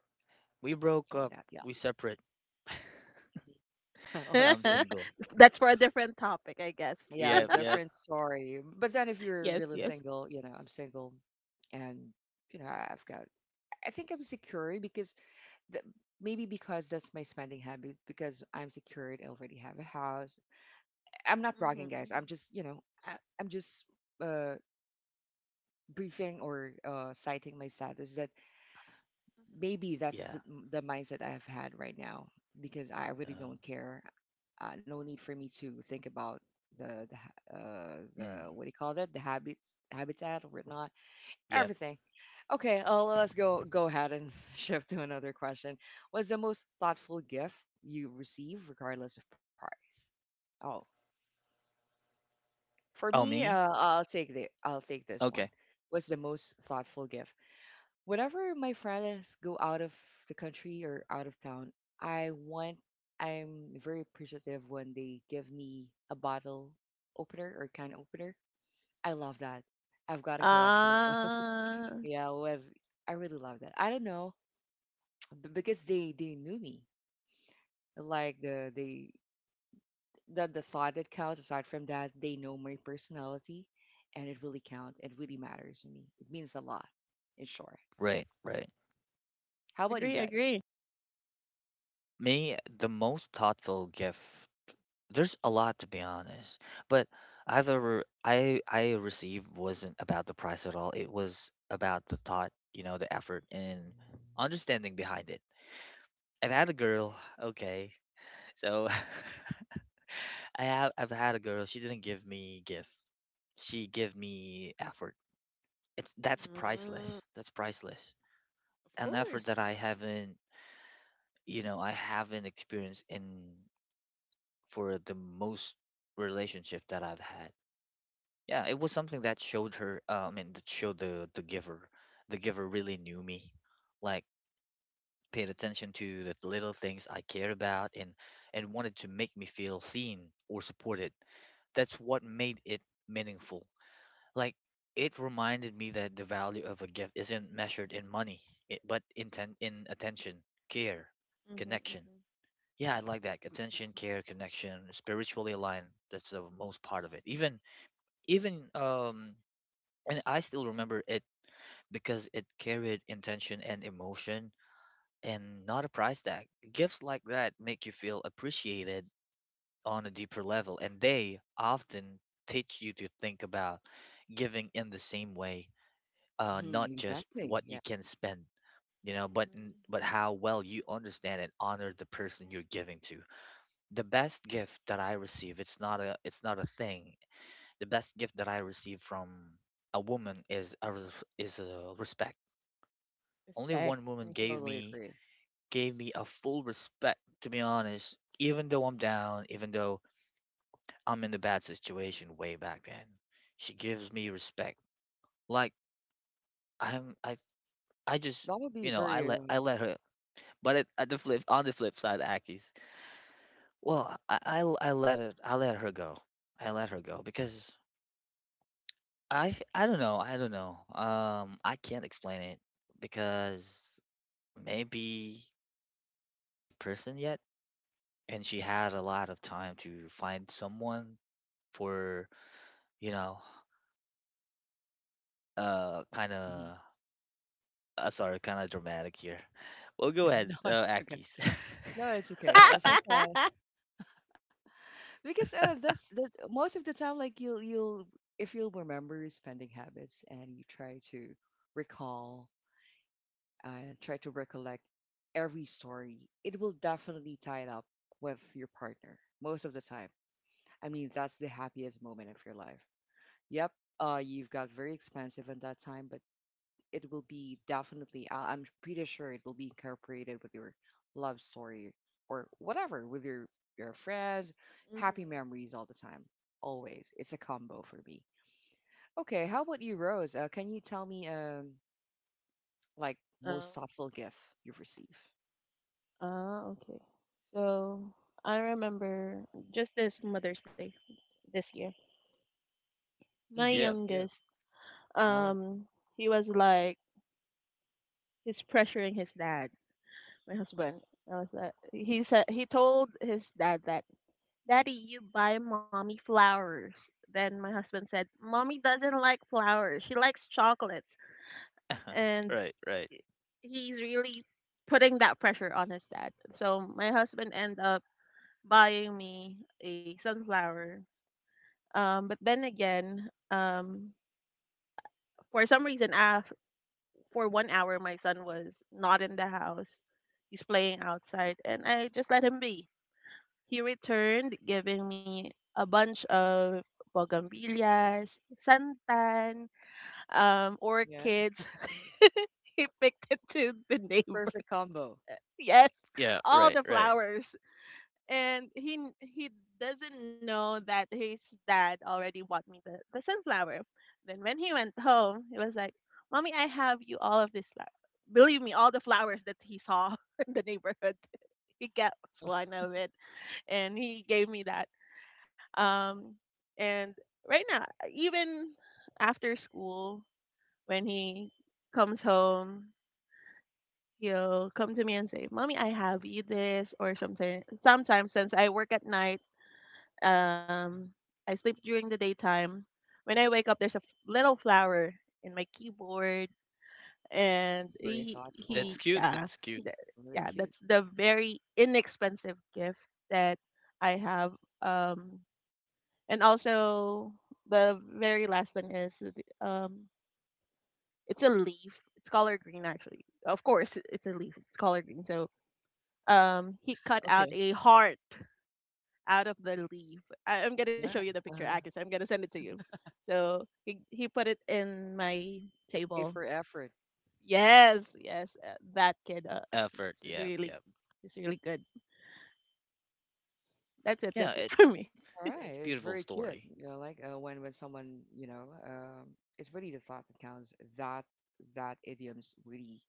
[SPEAKER 2] We
[SPEAKER 1] Oh,
[SPEAKER 2] broke
[SPEAKER 1] not
[SPEAKER 2] up.
[SPEAKER 1] yeah.
[SPEAKER 2] We separate.
[SPEAKER 1] Oh, I
[SPEAKER 2] I'm
[SPEAKER 1] see.
[SPEAKER 2] single.
[SPEAKER 3] That's for a different topic, I guess.
[SPEAKER 1] Yeah,
[SPEAKER 2] Yep, yep,
[SPEAKER 1] different story. But then if you're
[SPEAKER 3] Yes,
[SPEAKER 1] really
[SPEAKER 3] yes.
[SPEAKER 1] single, you know, I'm single, and you know, I've got. I think I'm secured because th- maybe because that's my spending habit. Because I'm secured, I already have a house. I'm not
[SPEAKER 3] Hmm.
[SPEAKER 1] bragging, guys. I'm just, you know, I'm just. Uh, briefing or citing my status that
[SPEAKER 3] Mhm,
[SPEAKER 1] maybe that's
[SPEAKER 2] yeah.
[SPEAKER 1] the mindset I've had right now because I really
[SPEAKER 2] Uh,
[SPEAKER 1] don't care. No need for me to think about the
[SPEAKER 2] mm,
[SPEAKER 1] what do you call that the habit habitat or whatnot
[SPEAKER 2] yep.
[SPEAKER 1] everything.
[SPEAKER 3] mhm,
[SPEAKER 1] Okay,
[SPEAKER 3] mhm.
[SPEAKER 1] well, let's go ahead and shift to another question. What's the most thoughtful gift you receive, regardless of price? Oh, for
[SPEAKER 2] Oh,
[SPEAKER 1] me,
[SPEAKER 2] me?
[SPEAKER 1] I'll take this one.
[SPEAKER 2] Okay.
[SPEAKER 1] What's the most thoughtful gift whenever my friends go out of the country or out of town, I want I'm very appreciative when they give me a bottle opener or can opener. I love that. I've got a collection of them.
[SPEAKER 3] Uh,
[SPEAKER 1] Yeah, with I really love that. I don't know because they knew me. Like the they The thought that counts. Aside from that, they know my personality, and it really counts. It really matters to me. It means a lot. In short,
[SPEAKER 2] Right, right.
[SPEAKER 1] how about
[SPEAKER 3] agree,
[SPEAKER 1] you guys?
[SPEAKER 3] agree.
[SPEAKER 2] Me, the most thoughtful gift, there's a lot to be honest, but I've ever I received wasn't about the price at all. It was about the thought, you know, the effort and understanding behind it. I've had a girl, okay. So I've had a girl. She didn't give me gift. She gave me effort. It's that's
[SPEAKER 3] Mm,
[SPEAKER 2] priceless. That's priceless.
[SPEAKER 3] of
[SPEAKER 2] An effort
[SPEAKER 3] course.
[SPEAKER 2] that I haven't, you know, I haven't experienced in, for the most relationship that I've had. Yeah, it was something that showed her, I mean, that showed the, the giver really knew me, like paid attention to the little things I cared about, and wanted to make me feel seen or supported. That's what made it meaningful. Like it reminded me that the value of a gift isn't measured in money, it, but in ten, in attention, care,
[SPEAKER 3] Hmm. Hmm.
[SPEAKER 2] connection.
[SPEAKER 3] Hmm.
[SPEAKER 2] Yeah, I like that. Attention, care, connection, spiritually aligned. That's the most part of it. Even even and I still remember it because it carried intention and emotion and not a price tag. Gifts like that make you feel appreciated on a deeper level, and they often teach you to think about giving in the same way, not
[SPEAKER 1] Hmm,
[SPEAKER 2] just what
[SPEAKER 1] exactly.
[SPEAKER 2] you
[SPEAKER 1] Yeah.
[SPEAKER 2] can spend, you know, but but
[SPEAKER 3] Hmm.
[SPEAKER 2] how well you understand and honor the person you're giving to. The best gift that I receive, it's not a, it's not a thing. The best gift that I receive from a woman is a is a respect. Only
[SPEAKER 3] Respect.
[SPEAKER 2] one woman
[SPEAKER 3] Hmm.
[SPEAKER 2] gave
[SPEAKER 1] Totally
[SPEAKER 2] me,
[SPEAKER 1] agree.
[SPEAKER 2] gave me a full respect, to be honest. Even though I'm down, even though I'm in a bad situation way back then, she gives me respect. Like I'm, I, I just,
[SPEAKER 1] That would
[SPEAKER 2] you
[SPEAKER 1] be
[SPEAKER 2] know,
[SPEAKER 1] very.
[SPEAKER 2] I let her. But at the flip, on the flip side, Aki's, well, I let it, I let her go. I let her go because I don't know, I don't know. I can't explain it because maybe I'm not the perfect person yet and she had a lot of time to find someone for, you know, kind of,
[SPEAKER 1] Mhm.
[SPEAKER 2] sorry, kind of dramatic here. Well, go ahead,
[SPEAKER 1] No, it's okay.
[SPEAKER 2] Akis.
[SPEAKER 1] No, it's okay. Sometimes because that's that most of the time. Like you'll if you'll remember your spending habits and you try to recall and try to recollect every story, it will definitely tie it up with your partner most of the time. I mean, that's the happiest moment of your life. Yep. You've got very expensive at that time, but it will be definitely I'm pretty sure it will be incorporated with your love story or whatever with your friends,
[SPEAKER 3] Hmm.
[SPEAKER 1] happy memories all the time, always. It's a combo for me. Okay, how about you, Rose? Can you tell me, like
[SPEAKER 3] um,
[SPEAKER 1] most thoughtful gift you've received.
[SPEAKER 3] okay. So I remember, just this Mother's Day this year, my
[SPEAKER 2] Yeah,
[SPEAKER 1] Mm-hmm.
[SPEAKER 2] yeah.
[SPEAKER 3] youngest,
[SPEAKER 1] Oh
[SPEAKER 3] um, he was like, he's pressuring his dad, my husband. I was like, he told his dad that, "Daddy, you buy mommy flowers." Then my husband said, "Mommy doesn't like flowers. She likes chocolates." And
[SPEAKER 2] Right, right.
[SPEAKER 3] he's really putting that pressure on his dad. So my husband ended up buying me a sunflower. But then again, for some reason, for 1 hour, my son was not in the house. He's playing outside. And I just let him be. He returned, giving me a bunch of bougainvilleas, santan,
[SPEAKER 1] yeah.
[SPEAKER 3] orchids. He picked it to the
[SPEAKER 1] Perfect
[SPEAKER 3] neighbors.
[SPEAKER 1] combo.
[SPEAKER 3] Yes,
[SPEAKER 2] Yeah,
[SPEAKER 3] all
[SPEAKER 2] right,
[SPEAKER 3] the
[SPEAKER 2] right.
[SPEAKER 3] flowers. And he doesn't know that his dad already bought me the sunflower. Then when he went home, he was like, "Mommy, I have you all of this flower." Believe me, all the flowers that he saw in the neighborhood, he gets
[SPEAKER 1] Uh-huh.
[SPEAKER 3] one of it and he gave me that. Um, and right now, even after school, when he comes home, he'll come to me and say, "Mommy, I have you this or something." Sometimes, since I work at night, um,
[SPEAKER 1] Mhm.
[SPEAKER 3] I sleep during the daytime. When I wake up, there's a little flower in my keyboard,
[SPEAKER 1] Oh,
[SPEAKER 3] and
[SPEAKER 1] very
[SPEAKER 3] he
[SPEAKER 2] That's
[SPEAKER 1] thoughtful.
[SPEAKER 3] he
[SPEAKER 2] cute.
[SPEAKER 3] yeah,
[SPEAKER 2] That's cute.
[SPEAKER 3] th-
[SPEAKER 1] Very
[SPEAKER 3] yeah,
[SPEAKER 1] cute.
[SPEAKER 3] that's the very inexpensive gift that I have. Um, And also the very last one is it's a leaf. It's color green, actually. Of course, it's a leaf. It's color green. So he cut out
[SPEAKER 1] Okay.
[SPEAKER 3] a heart out of the leaf. I'm
[SPEAKER 1] Oh
[SPEAKER 3] gonna show
[SPEAKER 1] yeah.
[SPEAKER 3] you the picture,
[SPEAKER 1] Uh,
[SPEAKER 3] Akis. I'm gonna send it to you. So he put it in my
[SPEAKER 1] A
[SPEAKER 3] table.
[SPEAKER 1] for effort.
[SPEAKER 3] Yes, yes, that kid.
[SPEAKER 2] Effort,
[SPEAKER 3] It's
[SPEAKER 2] yeah,
[SPEAKER 3] really,
[SPEAKER 2] yeah,
[SPEAKER 3] it's really good. That's it.
[SPEAKER 2] yeah,
[SPEAKER 3] That's it
[SPEAKER 2] it,
[SPEAKER 3] for
[SPEAKER 1] Yeah,
[SPEAKER 3] me.
[SPEAKER 1] all right,
[SPEAKER 2] it's a
[SPEAKER 1] it's very
[SPEAKER 2] beautiful
[SPEAKER 1] cute.
[SPEAKER 2] story.
[SPEAKER 1] You know, like when someone you know, it's really the thought that counts. That that idioms really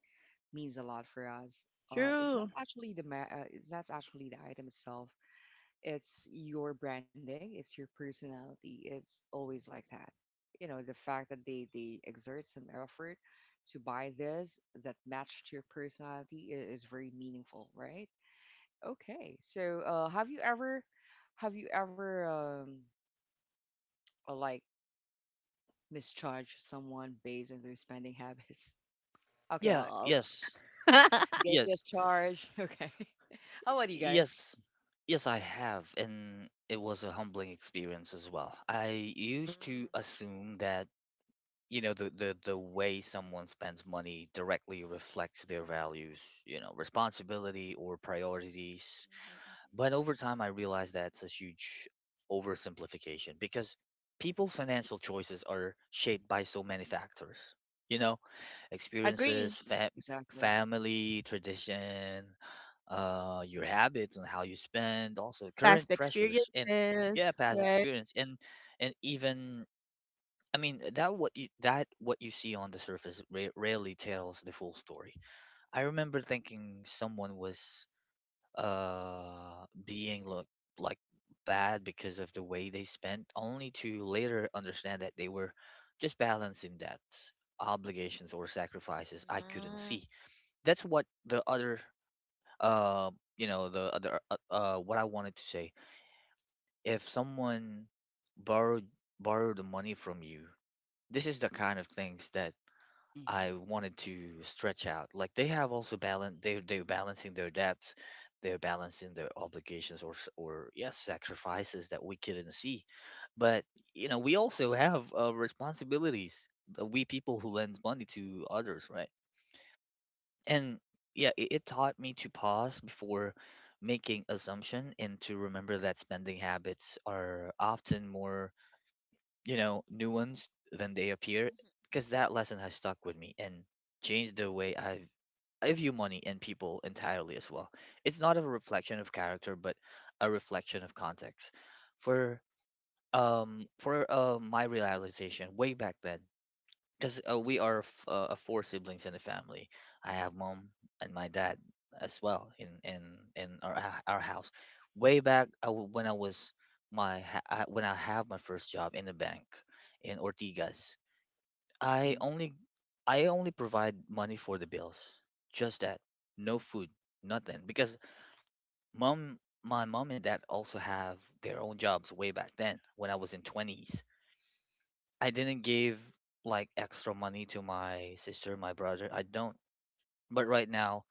[SPEAKER 1] means a lot for us.
[SPEAKER 3] True.
[SPEAKER 1] It's not actually the item itself. It's your branding. It's your personality. It's always like that. You know, the fact that they exert some effort to buy this that matched your personality is very meaningful, right? Okay. So, have you ever, like misjudged someone based on their spending habits? Okay,
[SPEAKER 2] Yeah. Yes,
[SPEAKER 3] Mm.
[SPEAKER 1] guilty as
[SPEAKER 2] yes,
[SPEAKER 1] charged. Okay. How about you guys?
[SPEAKER 2] yes, yes, I have, and it was a humbling experience as well. I used to
[SPEAKER 3] Mhm,
[SPEAKER 2] assume that, you know, the way someone spends money directly reflects their values, you know, responsibility or priorities.
[SPEAKER 3] mhm.
[SPEAKER 2] But over time I realized that's a huge oversimplification because people's financial choices are shaped by so many factors, you know, experiences,
[SPEAKER 3] Agree.
[SPEAKER 1] Exactly.
[SPEAKER 2] family tradition, your habits and how you spend, also current
[SPEAKER 3] Past
[SPEAKER 2] pressures, and yeah,
[SPEAKER 3] experiences,
[SPEAKER 2] past
[SPEAKER 3] right?
[SPEAKER 2] experience and even, I mean, that what you, that what you see on the surface rarely tells the full story. I remember thinking someone was, being look like bad because of the way they spent, only to later understand that they were just balancing debts, obligations, or sacrifices I couldn't
[SPEAKER 3] Mm,
[SPEAKER 2] see. That's what the other, uh you know, the other, what I wanted to say. If someone borrowed borrowed the money from you, this is the kind of things that
[SPEAKER 1] Mm-hmm.
[SPEAKER 2] I wanted to stretch out. Like they have also balance, they're balancing their debts, they're balancing their obligations or or yes sacrifices that we couldn't see, but you know we also have, responsibilities. The, we people who lend money to others, right? And yeah, it taught me to pause before making assumption and to remember that spending habits are often more, you know, nuanced than they appear, because that lesson has stuck with me and changed the way I view money and people entirely as well. It's not a reflection of character, but a reflection of context. For, for, my realization way back then, because we are 4 siblings in the family. I have mom and my dad as well in our our house. Way
[SPEAKER 3] mhm.
[SPEAKER 2] back I w when I was, when I have my first job in the bank in Ortigas, I
[SPEAKER 1] Mm-hmm.
[SPEAKER 2] only I only provide money for the bills. Just that, no food, nothing. Because mom, my mom and dad also have their own jobs way back then when I was in twenties. I didn't give like extra money to my sister, my brother. I don't. But right now,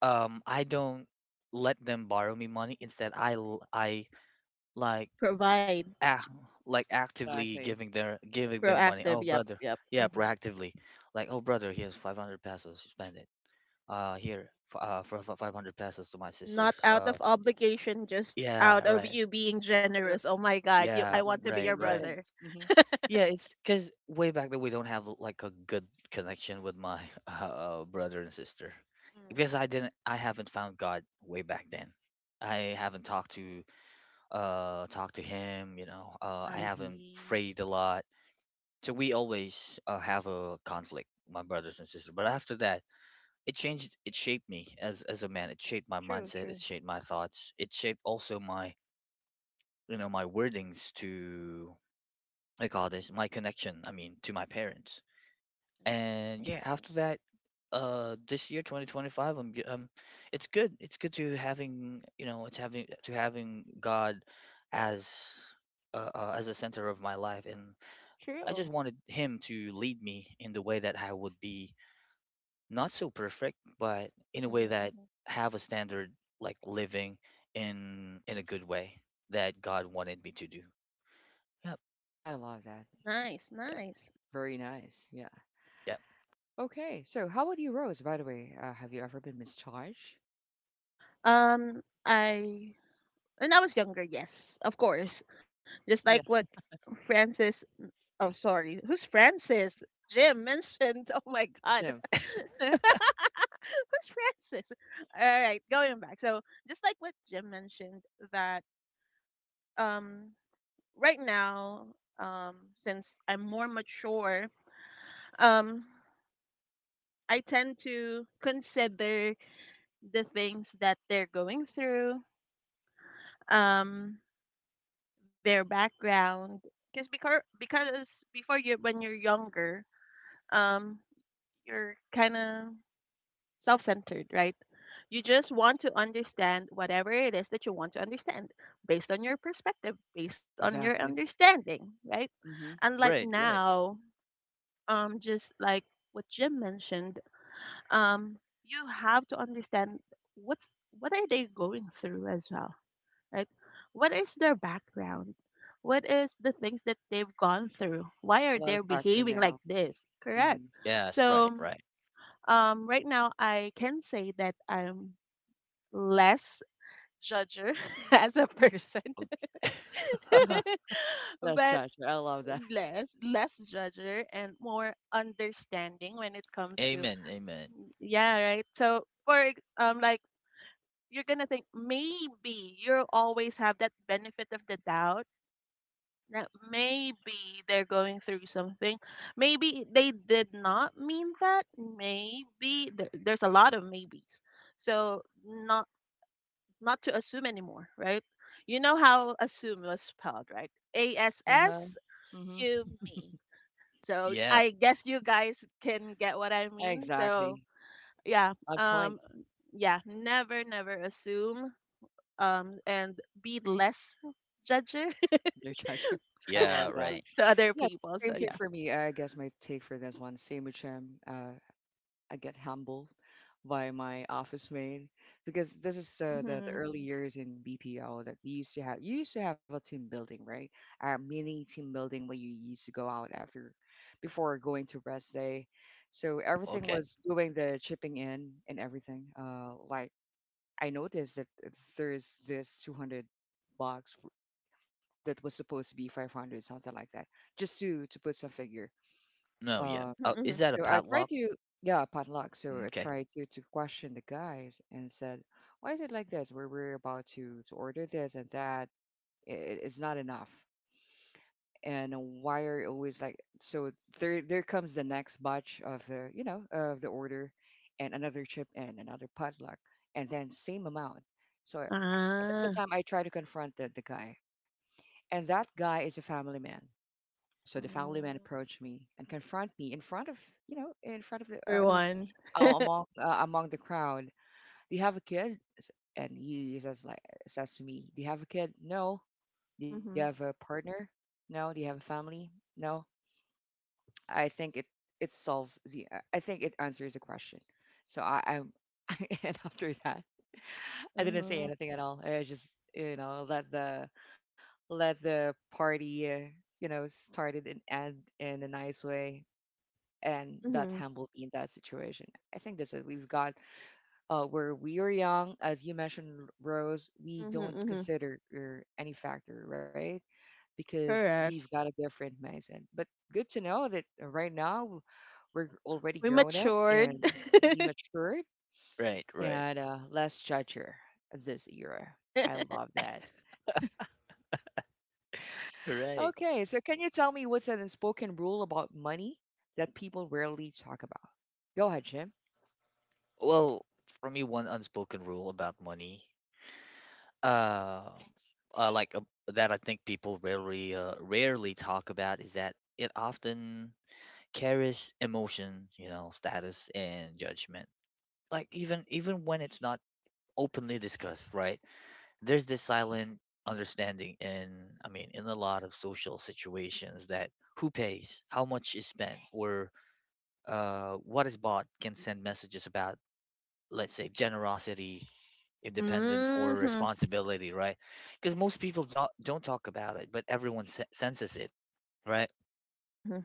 [SPEAKER 2] I don't let them borrow me money. Instead, I like
[SPEAKER 3] You provide
[SPEAKER 2] act, like actively
[SPEAKER 1] Exactly.
[SPEAKER 2] giving their giving them money.
[SPEAKER 3] proactive.
[SPEAKER 2] Oh,
[SPEAKER 3] Yep,
[SPEAKER 2] brother,
[SPEAKER 3] yep.
[SPEAKER 2] yeah,
[SPEAKER 3] Hmm.
[SPEAKER 2] proactively. Like, oh, brother, here's 500 pesos. Spend it. Here, for 500 pesos to my
[SPEAKER 3] Not
[SPEAKER 2] sisters.
[SPEAKER 3] out of obligation, just
[SPEAKER 2] Yeah,
[SPEAKER 3] out of
[SPEAKER 2] right.
[SPEAKER 3] you being
[SPEAKER 1] Yep.
[SPEAKER 3] generous. Oh my God, you! I
[SPEAKER 2] Yeah,
[SPEAKER 3] want to
[SPEAKER 1] Exactly.
[SPEAKER 3] be your
[SPEAKER 2] right,
[SPEAKER 1] Being
[SPEAKER 2] right.
[SPEAKER 1] human.
[SPEAKER 3] brother.
[SPEAKER 1] Mm-hmm.
[SPEAKER 2] Yeah, it's because way back then we don't have like a good connection with my brother and sister because
[SPEAKER 3] Mm,
[SPEAKER 2] I haven't found God way back then. I haven't talked to talked to him, you know. I
[SPEAKER 3] I
[SPEAKER 1] Mm-hmm.
[SPEAKER 2] haven't
[SPEAKER 3] see.
[SPEAKER 2] prayed a lot, so we always have a conflict, my brothers and sisters. But after that, it changed. It shaped me as a man. It shaped my
[SPEAKER 3] True,
[SPEAKER 2] mindset. It
[SPEAKER 3] true.
[SPEAKER 2] shaped my thoughts. It shaped also my you know my wordings to I call this my connection. I mean to my parents
[SPEAKER 3] I
[SPEAKER 2] and
[SPEAKER 3] see. I
[SPEAKER 2] yeah
[SPEAKER 3] see. I
[SPEAKER 2] after
[SPEAKER 3] see.
[SPEAKER 2] that this year 2025 I'm it's good to having you know it's having to having god as as a center of my life, and I just
[SPEAKER 3] True.
[SPEAKER 2] wanted him to lead me in the way that I would be not so perfect, but in a way
[SPEAKER 3] Mhm,
[SPEAKER 2] that
[SPEAKER 3] mhm.
[SPEAKER 2] have a standard, like living in a good way that god wanted me to do. Yep.
[SPEAKER 1] I love that.
[SPEAKER 3] Nice,
[SPEAKER 2] Yep.
[SPEAKER 3] nice.
[SPEAKER 1] Very nice. Yeah.
[SPEAKER 2] Yep.
[SPEAKER 1] Okay. So, how about you, Rose? By the way, have you ever been mischarged?
[SPEAKER 3] I When I was younger, yes, of course. Just like
[SPEAKER 1] Yeah.
[SPEAKER 3] what Francis, oh, sorry, who's Francis? Jim mentioned. Oh my God.
[SPEAKER 1] Jim.
[SPEAKER 3] Who's Francis? All right, going back. So, just like what Jim mentioned, that um, right now, um, since I'm more mature, um, I tend to consider the things that they're going through. Um, their background, because before you when you're younger, um you're kind of self-centered, right? You just want to understand whatever it is that you want to understand based on your perspective, based on your
[SPEAKER 1] Exactly.
[SPEAKER 3] understanding, right?
[SPEAKER 1] Mm-hmm.
[SPEAKER 3] And like
[SPEAKER 2] Right, right.
[SPEAKER 3] now, just like what Jim mentioned, um you have to understand what's what are they going through as well, right? What is their background? What is the things that they've gone through? Why
[SPEAKER 1] There's a
[SPEAKER 3] are
[SPEAKER 1] lot
[SPEAKER 3] they
[SPEAKER 1] of factor
[SPEAKER 3] behaving like
[SPEAKER 1] now.
[SPEAKER 3] this? Correct.
[SPEAKER 1] Mm-hmm.
[SPEAKER 2] Yes, right,
[SPEAKER 3] So,
[SPEAKER 2] right.
[SPEAKER 3] right now I can say that I'm less judger as a person,
[SPEAKER 2] Okay.
[SPEAKER 1] That's
[SPEAKER 3] but
[SPEAKER 1] Cheshire. I love that.
[SPEAKER 3] less less judger and more understanding when it comes to
[SPEAKER 2] Amen, amen.
[SPEAKER 3] yeah, right. So like you're gonna think maybe you always have that benefit of the doubt that maybe they're going through something. Maybe they did not mean that. Maybe there's a lot of maybes. So not not to assume anymore, right? You know how assume was spelled, right? A S
[SPEAKER 1] Uh-huh.
[SPEAKER 3] S
[SPEAKER 1] Hmm.
[SPEAKER 3] U M E. So
[SPEAKER 2] Yeah,
[SPEAKER 3] I guess you guys can get what I mean. So
[SPEAKER 1] Exactly.
[SPEAKER 3] yeah,
[SPEAKER 1] On point,
[SPEAKER 3] yeah, never never assume, and be less judger
[SPEAKER 1] dear Cheshire. I
[SPEAKER 2] yeah,
[SPEAKER 1] love that.
[SPEAKER 2] right.
[SPEAKER 3] to other
[SPEAKER 1] Yeah,
[SPEAKER 3] people.
[SPEAKER 1] same
[SPEAKER 3] So
[SPEAKER 1] thing
[SPEAKER 3] yeah.
[SPEAKER 1] for me. I guess my take for this one, same with Shem. I get humbled by my office mate because this is the
[SPEAKER 3] Mhm.
[SPEAKER 1] early years in BPO that we used to have. You used to have a team building, right? A mini team building where you used to go out after, before going to rest day. So everything
[SPEAKER 2] Okay.
[SPEAKER 1] was doing the chipping in and everything. Like I noticed that there's this 200 box that was supposed to be 500, something like that, just to put some figure.
[SPEAKER 2] No, yeah.
[SPEAKER 1] Uh,
[SPEAKER 3] Mhm,
[SPEAKER 2] Oh, is
[SPEAKER 3] mhm.
[SPEAKER 2] that a
[SPEAKER 1] so I tried
[SPEAKER 2] padlock?
[SPEAKER 1] to, yeah, potluck. So I
[SPEAKER 2] Okay.
[SPEAKER 1] tried to question the guys and said, why is it like this? We're about to order this and that. It's not enough. And why are you always like so? There comes the next batch of the you know of the order, and another chip and another potluck, and then same amount. So and that's
[SPEAKER 3] Ah.
[SPEAKER 1] the time I try to confront the guy. And that guy is a family man. So the family man
[SPEAKER 3] Oh.
[SPEAKER 1] approached me and confront me in front of the, I mean,
[SPEAKER 3] Everyone.
[SPEAKER 1] among among the crowd. Do you have a kid? And he says to me, do you have a kid? No. Do you have a
[SPEAKER 3] Mhm.
[SPEAKER 1] partner? No. Do you have a family? No. I think it it solves the. I think it answers the question. So I and after that, I didn't say
[SPEAKER 3] Oh.
[SPEAKER 1] anything at all. I just let the party, started and end in a nice way. And that
[SPEAKER 3] Mhm.
[SPEAKER 1] humbled me in that situation. I think that's it. We've got where we are young, as you mentioned, Rose, we
[SPEAKER 3] Mhm,
[SPEAKER 1] don't
[SPEAKER 3] mhm.
[SPEAKER 1] consider any factor, right? Because
[SPEAKER 3] Correct.
[SPEAKER 1] we've got a different mindset. But good to know that right now we're already
[SPEAKER 3] We
[SPEAKER 1] grown up
[SPEAKER 3] matured.
[SPEAKER 1] and we matured
[SPEAKER 2] Right, right.
[SPEAKER 1] and less judger this era. I love that. Okay,
[SPEAKER 2] Right.
[SPEAKER 1] so can you tell me what's an unspoken rule about money that people rarely talk about? Go ahead, Jim.
[SPEAKER 2] Well, for me, one unspoken rule about money, uh, uh like uh, that I think people rarely talk about is that it often carries emotion, you know, status and judgment. Like even when it's not openly discussed, right? There's this silent understanding in I mean in a lot of social situations that who pays, how much is spent, or what is bought can send messages about, let's say, generosity, independence, or
[SPEAKER 3] Mhm.
[SPEAKER 2] responsibility, right? Because most people don't talk about it, but everyone senses it, right?
[SPEAKER 3] Mhm.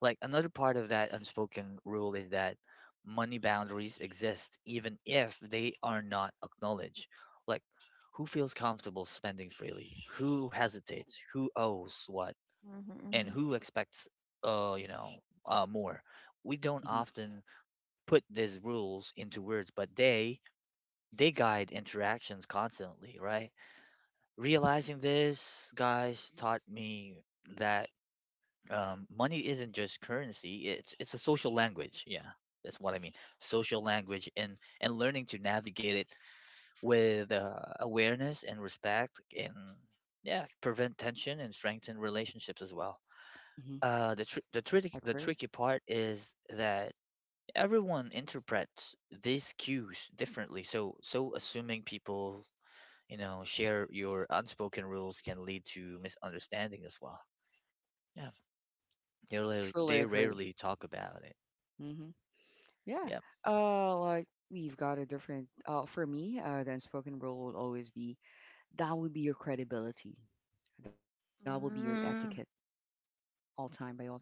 [SPEAKER 2] Like another part of that unspoken rule is that money boundaries exist even if they are not acknowledged. Like who feels comfortable spending freely, who hesitates, who owes what,
[SPEAKER 3] Mhm,
[SPEAKER 2] and
[SPEAKER 3] mhm.
[SPEAKER 2] who expects uh you know more. We don't
[SPEAKER 1] Mm-hmm.
[SPEAKER 2] often put these rules into words, but they guide interactions constantly, right? Realizing this, guys, taught me that money isn't just currency, it's a social language. Yeah, that's what I mean. Social language. And learning to navigate it with awareness and respect, and yeah, prevent tension and strengthen relationships as well.
[SPEAKER 1] Mm-hmm.
[SPEAKER 2] The
[SPEAKER 1] Agree.
[SPEAKER 2] tricky part is that everyone interprets these cues differently, so so assuming people you know share your unspoken rules can lead to misunderstanding as well. Yeah,
[SPEAKER 1] Truly
[SPEAKER 2] they
[SPEAKER 1] agree.
[SPEAKER 2] rarely talk about it.
[SPEAKER 1] Hmm. Yeah.
[SPEAKER 2] Yeah.
[SPEAKER 1] Like we've got a different. For me, the unspoken rule would always be that would be your credibility. That will be your etiquette
[SPEAKER 3] Mm.
[SPEAKER 1] all time by all time.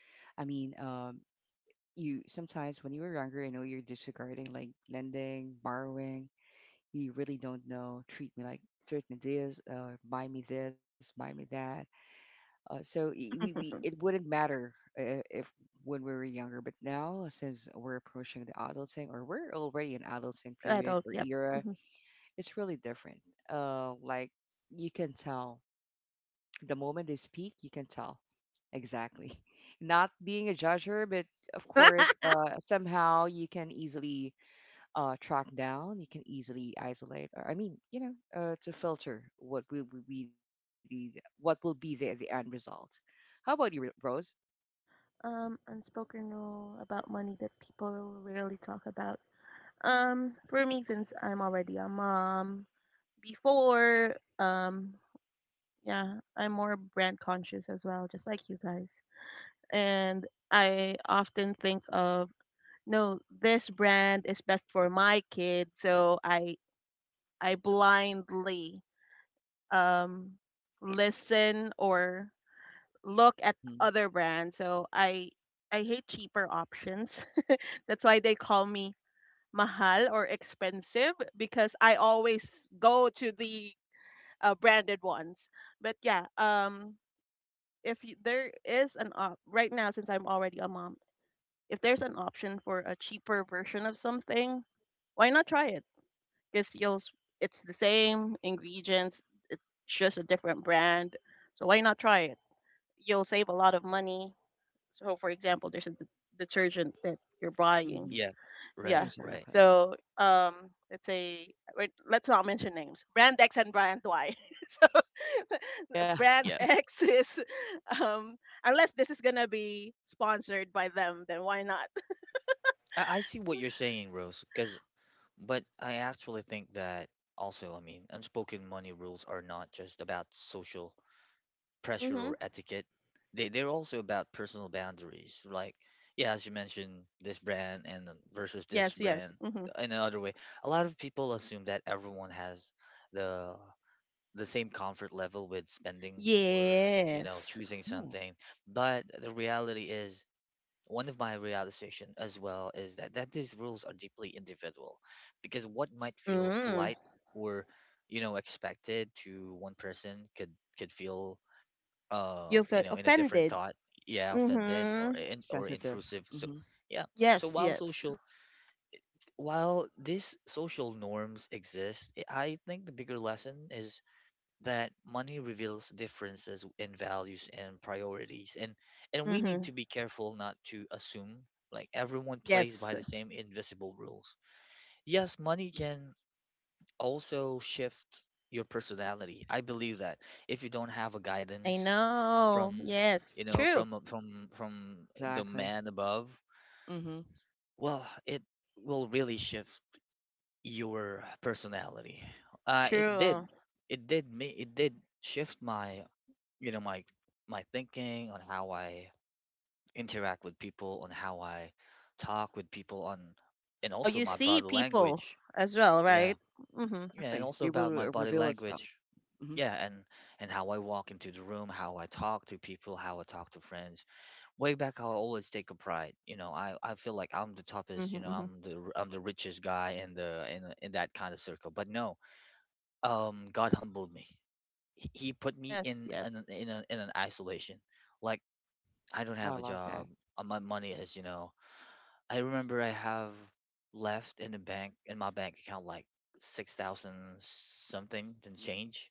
[SPEAKER 1] I mean, you sometimes when you were younger, I know you're disregarding like lending, borrowing, you really don't know. Treat me this, buy me this, buy me that. So we it wouldn't matter if when we were younger, but now since we're approaching the adulting or we're already in adulting period
[SPEAKER 3] Adult,
[SPEAKER 1] or
[SPEAKER 3] yep.
[SPEAKER 1] era,
[SPEAKER 3] Mhm.
[SPEAKER 1] it's really different. Like you can tell the moment they speak, you can tell exactly. Not being a judger, but of course, somehow you can easily track down. You can easily isolate. Or, I mean, to filter what will be the end result. How about you, Rose?
[SPEAKER 3] Unspoken rule about money that people rarely talk about. For me, since I'm already a mom, before yeah, I'm more brand conscious as well, just like you guys, and I often think of, no, this brand is best for my kid, so I blindly um listen or look at
[SPEAKER 1] Mm-hmm.
[SPEAKER 3] other brands, so I hate cheaper options that's why they call me mahal or expensive because I always go to the branded ones. But yeah, if you, there is an op right now, since I'm already a mom, if there's an option for a cheaper version of something, why not try it? Because you'll s- it's the same ingredients, it's just a different brand. So why not try it? You'll save a lot of money. So for example, there's a detergent that you're buying,
[SPEAKER 1] Mm-hmm.
[SPEAKER 2] Yeah.
[SPEAKER 3] yeah.
[SPEAKER 2] Right. Right.
[SPEAKER 1] Exactly.
[SPEAKER 3] So let's say wait, let's not mention names. Brand X and Brand Y. So
[SPEAKER 1] Yeah.
[SPEAKER 3] Brand
[SPEAKER 2] Yeah.
[SPEAKER 3] X is um, unless this is gonna be sponsored by them, then why not?
[SPEAKER 2] I see what you're saying, Rose. Because, but I actually think that also, I mean, unspoken money rules are not just about social pressure
[SPEAKER 3] Hmm.
[SPEAKER 2] or etiquette. They're also about personal boundaries. Like, yeah, as you mentioned, this brand and then versus this
[SPEAKER 3] Yes, yes.
[SPEAKER 2] brand.
[SPEAKER 3] Hmm.
[SPEAKER 2] In another way, a lot of people assume that everyone has the the same comfort level with spending or you know
[SPEAKER 3] Yes.
[SPEAKER 1] Yeah.
[SPEAKER 2] choosing something, but the reality is one of my realization as well is that these rules are deeply individual because what might feel
[SPEAKER 3] Mm.
[SPEAKER 2] polite or you know expected to one person could feel
[SPEAKER 3] You feel
[SPEAKER 2] in a different
[SPEAKER 3] offended.
[SPEAKER 2] thought, yeah, offended
[SPEAKER 3] Mm-hmm.
[SPEAKER 1] It's
[SPEAKER 2] or
[SPEAKER 1] sensitive.
[SPEAKER 2] intrusive. So
[SPEAKER 1] Mm-hmm.
[SPEAKER 2] yeah. so, so
[SPEAKER 3] Yes,
[SPEAKER 2] while
[SPEAKER 3] yes.
[SPEAKER 2] social while these social norms exist, I think the bigger lesson is that money reveals differences in values and priorities, and we need
[SPEAKER 3] Mm-hmm.
[SPEAKER 2] to be careful not to assume like everyone plays by
[SPEAKER 3] Yes,
[SPEAKER 2] the same invisible rules. Yes, money can also shift your personality. I believe that if you don't have a
[SPEAKER 3] I
[SPEAKER 2] guidance from
[SPEAKER 3] know. Yes,
[SPEAKER 2] you know
[SPEAKER 3] true,
[SPEAKER 2] from from the
[SPEAKER 1] Exactly.
[SPEAKER 2] man above,
[SPEAKER 1] Mm-hmm.
[SPEAKER 2] well, it will really shift your personality. uh it did
[SPEAKER 3] true.
[SPEAKER 2] it did me it did shift my you know my my thinking on how I interact with people, on how I talk with people, on and
[SPEAKER 3] How
[SPEAKER 2] also
[SPEAKER 3] you
[SPEAKER 2] my
[SPEAKER 3] see
[SPEAKER 2] body
[SPEAKER 3] people
[SPEAKER 2] language.
[SPEAKER 3] as well,
[SPEAKER 2] Yeah,
[SPEAKER 3] right? Mm-hmm.
[SPEAKER 2] yeah, and
[SPEAKER 1] Exactly.
[SPEAKER 2] also
[SPEAKER 1] They
[SPEAKER 2] about
[SPEAKER 1] will
[SPEAKER 2] my body
[SPEAKER 1] reveal itself.
[SPEAKER 2] language.
[SPEAKER 1] Mm-hmm.
[SPEAKER 2] Yeah, and how I walk into the room, how I talk to people, how I talk to friends. Way back, how I always take a pride. You know, I feel like I'm the toppest. You
[SPEAKER 3] Mhm,
[SPEAKER 2] know,
[SPEAKER 3] mhm.
[SPEAKER 2] I'm the richest guy in the in that kind of circle. But no, God humbled me. He put me
[SPEAKER 3] Yes,
[SPEAKER 2] in
[SPEAKER 3] yes.
[SPEAKER 2] in an isolation, like I don't
[SPEAKER 1] I
[SPEAKER 2] have a
[SPEAKER 1] love
[SPEAKER 2] job.
[SPEAKER 1] that.
[SPEAKER 2] My money is, you know, I remember I have left in the bank in my bank account like 6,000 something and change.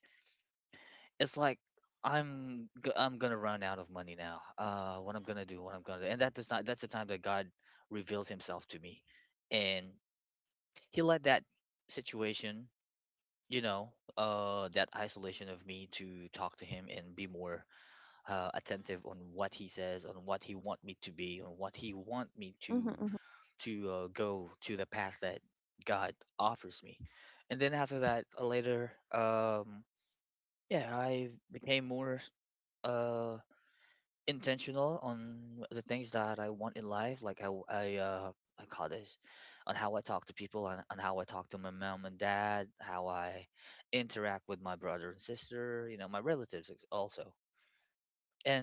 [SPEAKER 2] It's like I'm gonna run out of money now. What I'm gonna do? What I'm gonna do? And that does not. That's the time that God reveals Himself to me, and He let that situation, you know, that isolation of me to talk to Him and be more attentive on what he says, on what he want me to be, on what he want me
[SPEAKER 3] Mhm, mhm.
[SPEAKER 2] to go to the path that God offers me. And then after that, later, yeah, I became more uh, intentional on the things that I want in life, like how I call this on how I talk to people, on how I talk to my mom and dad, how I interact with my brother and sister, you know, my relatives also.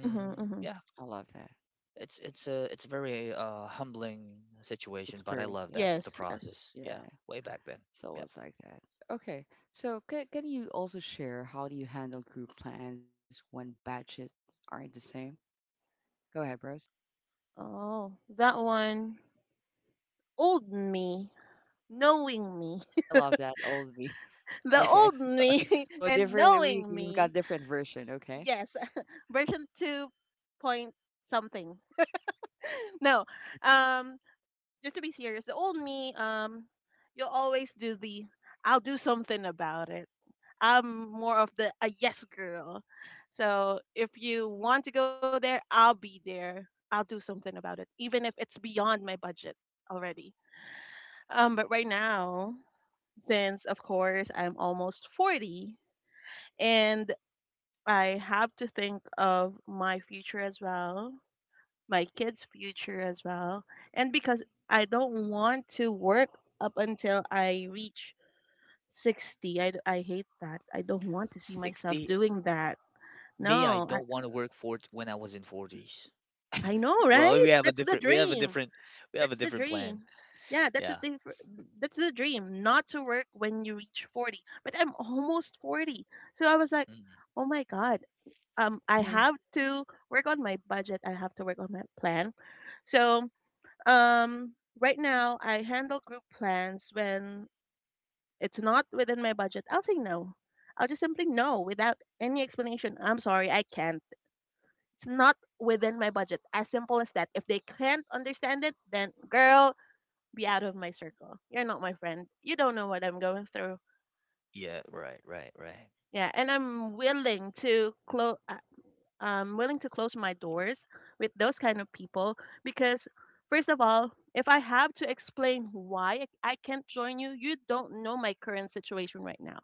[SPEAKER 3] Mhm,
[SPEAKER 1] Mm-hmm.
[SPEAKER 3] mhm.
[SPEAKER 2] yeah,
[SPEAKER 1] I love that
[SPEAKER 2] it's a very humbling situation, but I
[SPEAKER 1] experience.
[SPEAKER 2] love
[SPEAKER 1] Yeah.
[SPEAKER 2] that the
[SPEAKER 3] Yes, yes.
[SPEAKER 2] process. Yeah,
[SPEAKER 1] Yeah.
[SPEAKER 2] way back then.
[SPEAKER 1] So
[SPEAKER 2] Yep.
[SPEAKER 1] it's like that. Okay. So can you also share how do you handle group plans when budgets aren't the same? Go ahead, bros.
[SPEAKER 3] Oh, that one. Old me, knowing me.
[SPEAKER 1] I love that old me.
[SPEAKER 3] The
[SPEAKER 1] Okay.
[SPEAKER 3] old me
[SPEAKER 1] So a
[SPEAKER 3] and
[SPEAKER 1] different we
[SPEAKER 3] knowing
[SPEAKER 1] we've got
[SPEAKER 3] me.
[SPEAKER 1] different version, okay?
[SPEAKER 3] Yes. Version 2 point something. No. Um just to be serious, the old me, you'll always do the I'll do something about it. I'm more of the a yes girl. So if you want to go there, I'll be there. I'll do something about it, even if it's beyond my budget already. But right now, since of course I'm almost 40, and I have to think of my future as well, my kids' future as well. And because I don't want to work up until I reach 60. I hate that. I don't want to see myself
[SPEAKER 2] 60
[SPEAKER 3] doing that.
[SPEAKER 2] me I
[SPEAKER 3] No,
[SPEAKER 2] don't want to work for when I was in 40s.
[SPEAKER 3] I know,
[SPEAKER 2] Well,
[SPEAKER 3] right? That's the dream.
[SPEAKER 2] we have a
[SPEAKER 3] That's the
[SPEAKER 2] different plan.
[SPEAKER 3] dream. Yeah, that's a
[SPEAKER 2] Yeah.
[SPEAKER 3] diff- that's the dream, not to work when you reach 40. But I'm almost 40. So I was like,
[SPEAKER 2] Mm.
[SPEAKER 3] "Oh my god, I
[SPEAKER 1] Mm-hmm.
[SPEAKER 3] have to work on my budget. I have to work on my plan." So, Um, right now, I handle group plans when it's not within my budget. I'll say no. I'll just simply no without any explanation. I'm sorry, I can't. It's not within my budget. As simple as that. If they can't understand it, then girl, be out of my circle. You're not my friend. You don't know what I'm going through.
[SPEAKER 2] Yeah, right, right, right.
[SPEAKER 3] Yeah, and I'm willing to close. I'm willing to close my doors with those kind of people because, first of all, if I have to explain why I can't join you, you don't know my current situation right now.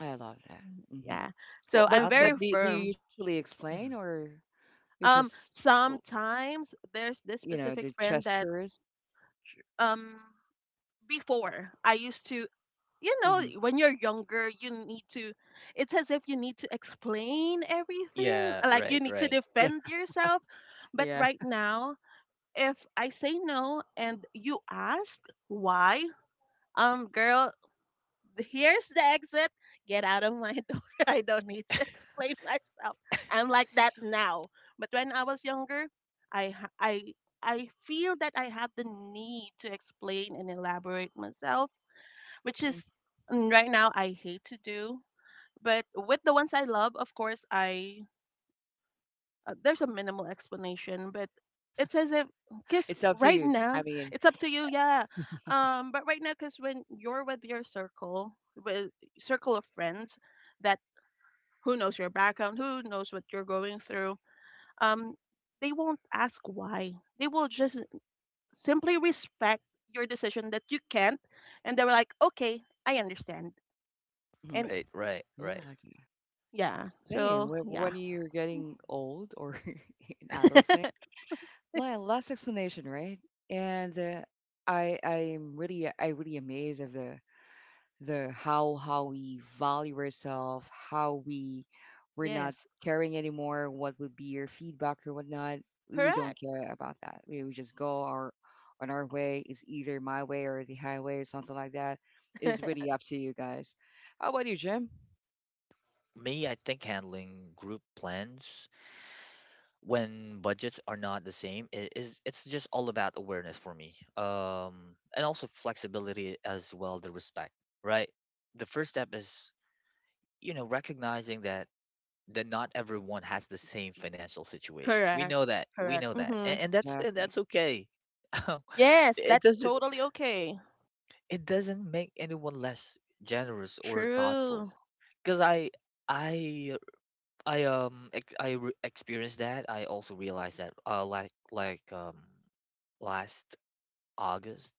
[SPEAKER 1] I love that. Mm-hmm.
[SPEAKER 3] Yeah, so
[SPEAKER 2] Well,
[SPEAKER 1] But
[SPEAKER 3] I'm
[SPEAKER 2] I
[SPEAKER 3] very
[SPEAKER 1] but
[SPEAKER 2] think
[SPEAKER 1] do, do you
[SPEAKER 3] firm.
[SPEAKER 1] usually explain,
[SPEAKER 2] mm,
[SPEAKER 1] or you just l-
[SPEAKER 3] Sometimes there's this
[SPEAKER 1] you know the
[SPEAKER 3] specific friend that
[SPEAKER 1] gestures?
[SPEAKER 3] um before I used to, you
[SPEAKER 1] Mm-hmm.
[SPEAKER 3] know, when you're younger, you need to, it's as if you need to explain everything.
[SPEAKER 2] yeah,
[SPEAKER 3] Like you
[SPEAKER 2] right,
[SPEAKER 3] need to
[SPEAKER 2] right,
[SPEAKER 1] Yeah,
[SPEAKER 3] defend yourself. But
[SPEAKER 1] yeah.
[SPEAKER 3] right now, if I say no and you ask why, girl, here's the exit. Get out of my door. I don't need to explain myself. I'm like that now. But when I was younger, I, ha- I, I feel that I have the need to explain and elaborate myself, which
[SPEAKER 1] Mm-hmm.
[SPEAKER 3] is mm, right now I hate to do. But with the ones I love, of course, I there's a minimal explanation, but it's as if because
[SPEAKER 1] It's up to
[SPEAKER 3] right
[SPEAKER 1] you.
[SPEAKER 3] now
[SPEAKER 1] I mean,
[SPEAKER 3] it's up to you, yeah. But right now, because when you're with your circle, with circle of friends, that who knows your background, who knows what you're going through, um, they won't ask why. They will just simply respect your decision that you can't, and they were like, okay, I understand.
[SPEAKER 1] mm-hmm,
[SPEAKER 3] And
[SPEAKER 2] right, right,
[SPEAKER 1] yeah, I
[SPEAKER 2] right.
[SPEAKER 1] like that.
[SPEAKER 3] yeah.
[SPEAKER 1] Same.
[SPEAKER 3] So,
[SPEAKER 1] When,
[SPEAKER 3] yeah.
[SPEAKER 1] when you're getting old or in adulting, well, last explanation, right? And I really amazed of the how we value ourselves, how we're not
[SPEAKER 3] Yes.
[SPEAKER 1] caring anymore, what would be your feedback or whatnot. We don't
[SPEAKER 3] Correct.
[SPEAKER 1] care about that. We just go our on our way. It's either my way or the highway or something like that. It's really up to you guys. How about you, Jim?
[SPEAKER 2] Me, I think handling group plans when budgets are not the same, it is it's just all about awareness for me, um, and also flexibility as well, the respect, right? The first step is you know recognizing that not everyone has the same financial situations. We
[SPEAKER 3] Correct.
[SPEAKER 2] know that, we
[SPEAKER 3] Correct.
[SPEAKER 2] know that,
[SPEAKER 3] Mm-hmm.
[SPEAKER 2] and
[SPEAKER 1] Exactly.
[SPEAKER 2] that's okay.
[SPEAKER 3] Yes,
[SPEAKER 2] it
[SPEAKER 3] that's
[SPEAKER 2] doesn't
[SPEAKER 3] totally okay.
[SPEAKER 2] it doesn't make anyone less generous or thoughtful,
[SPEAKER 3] True.
[SPEAKER 2] because i I experienced that. I also realized that last August,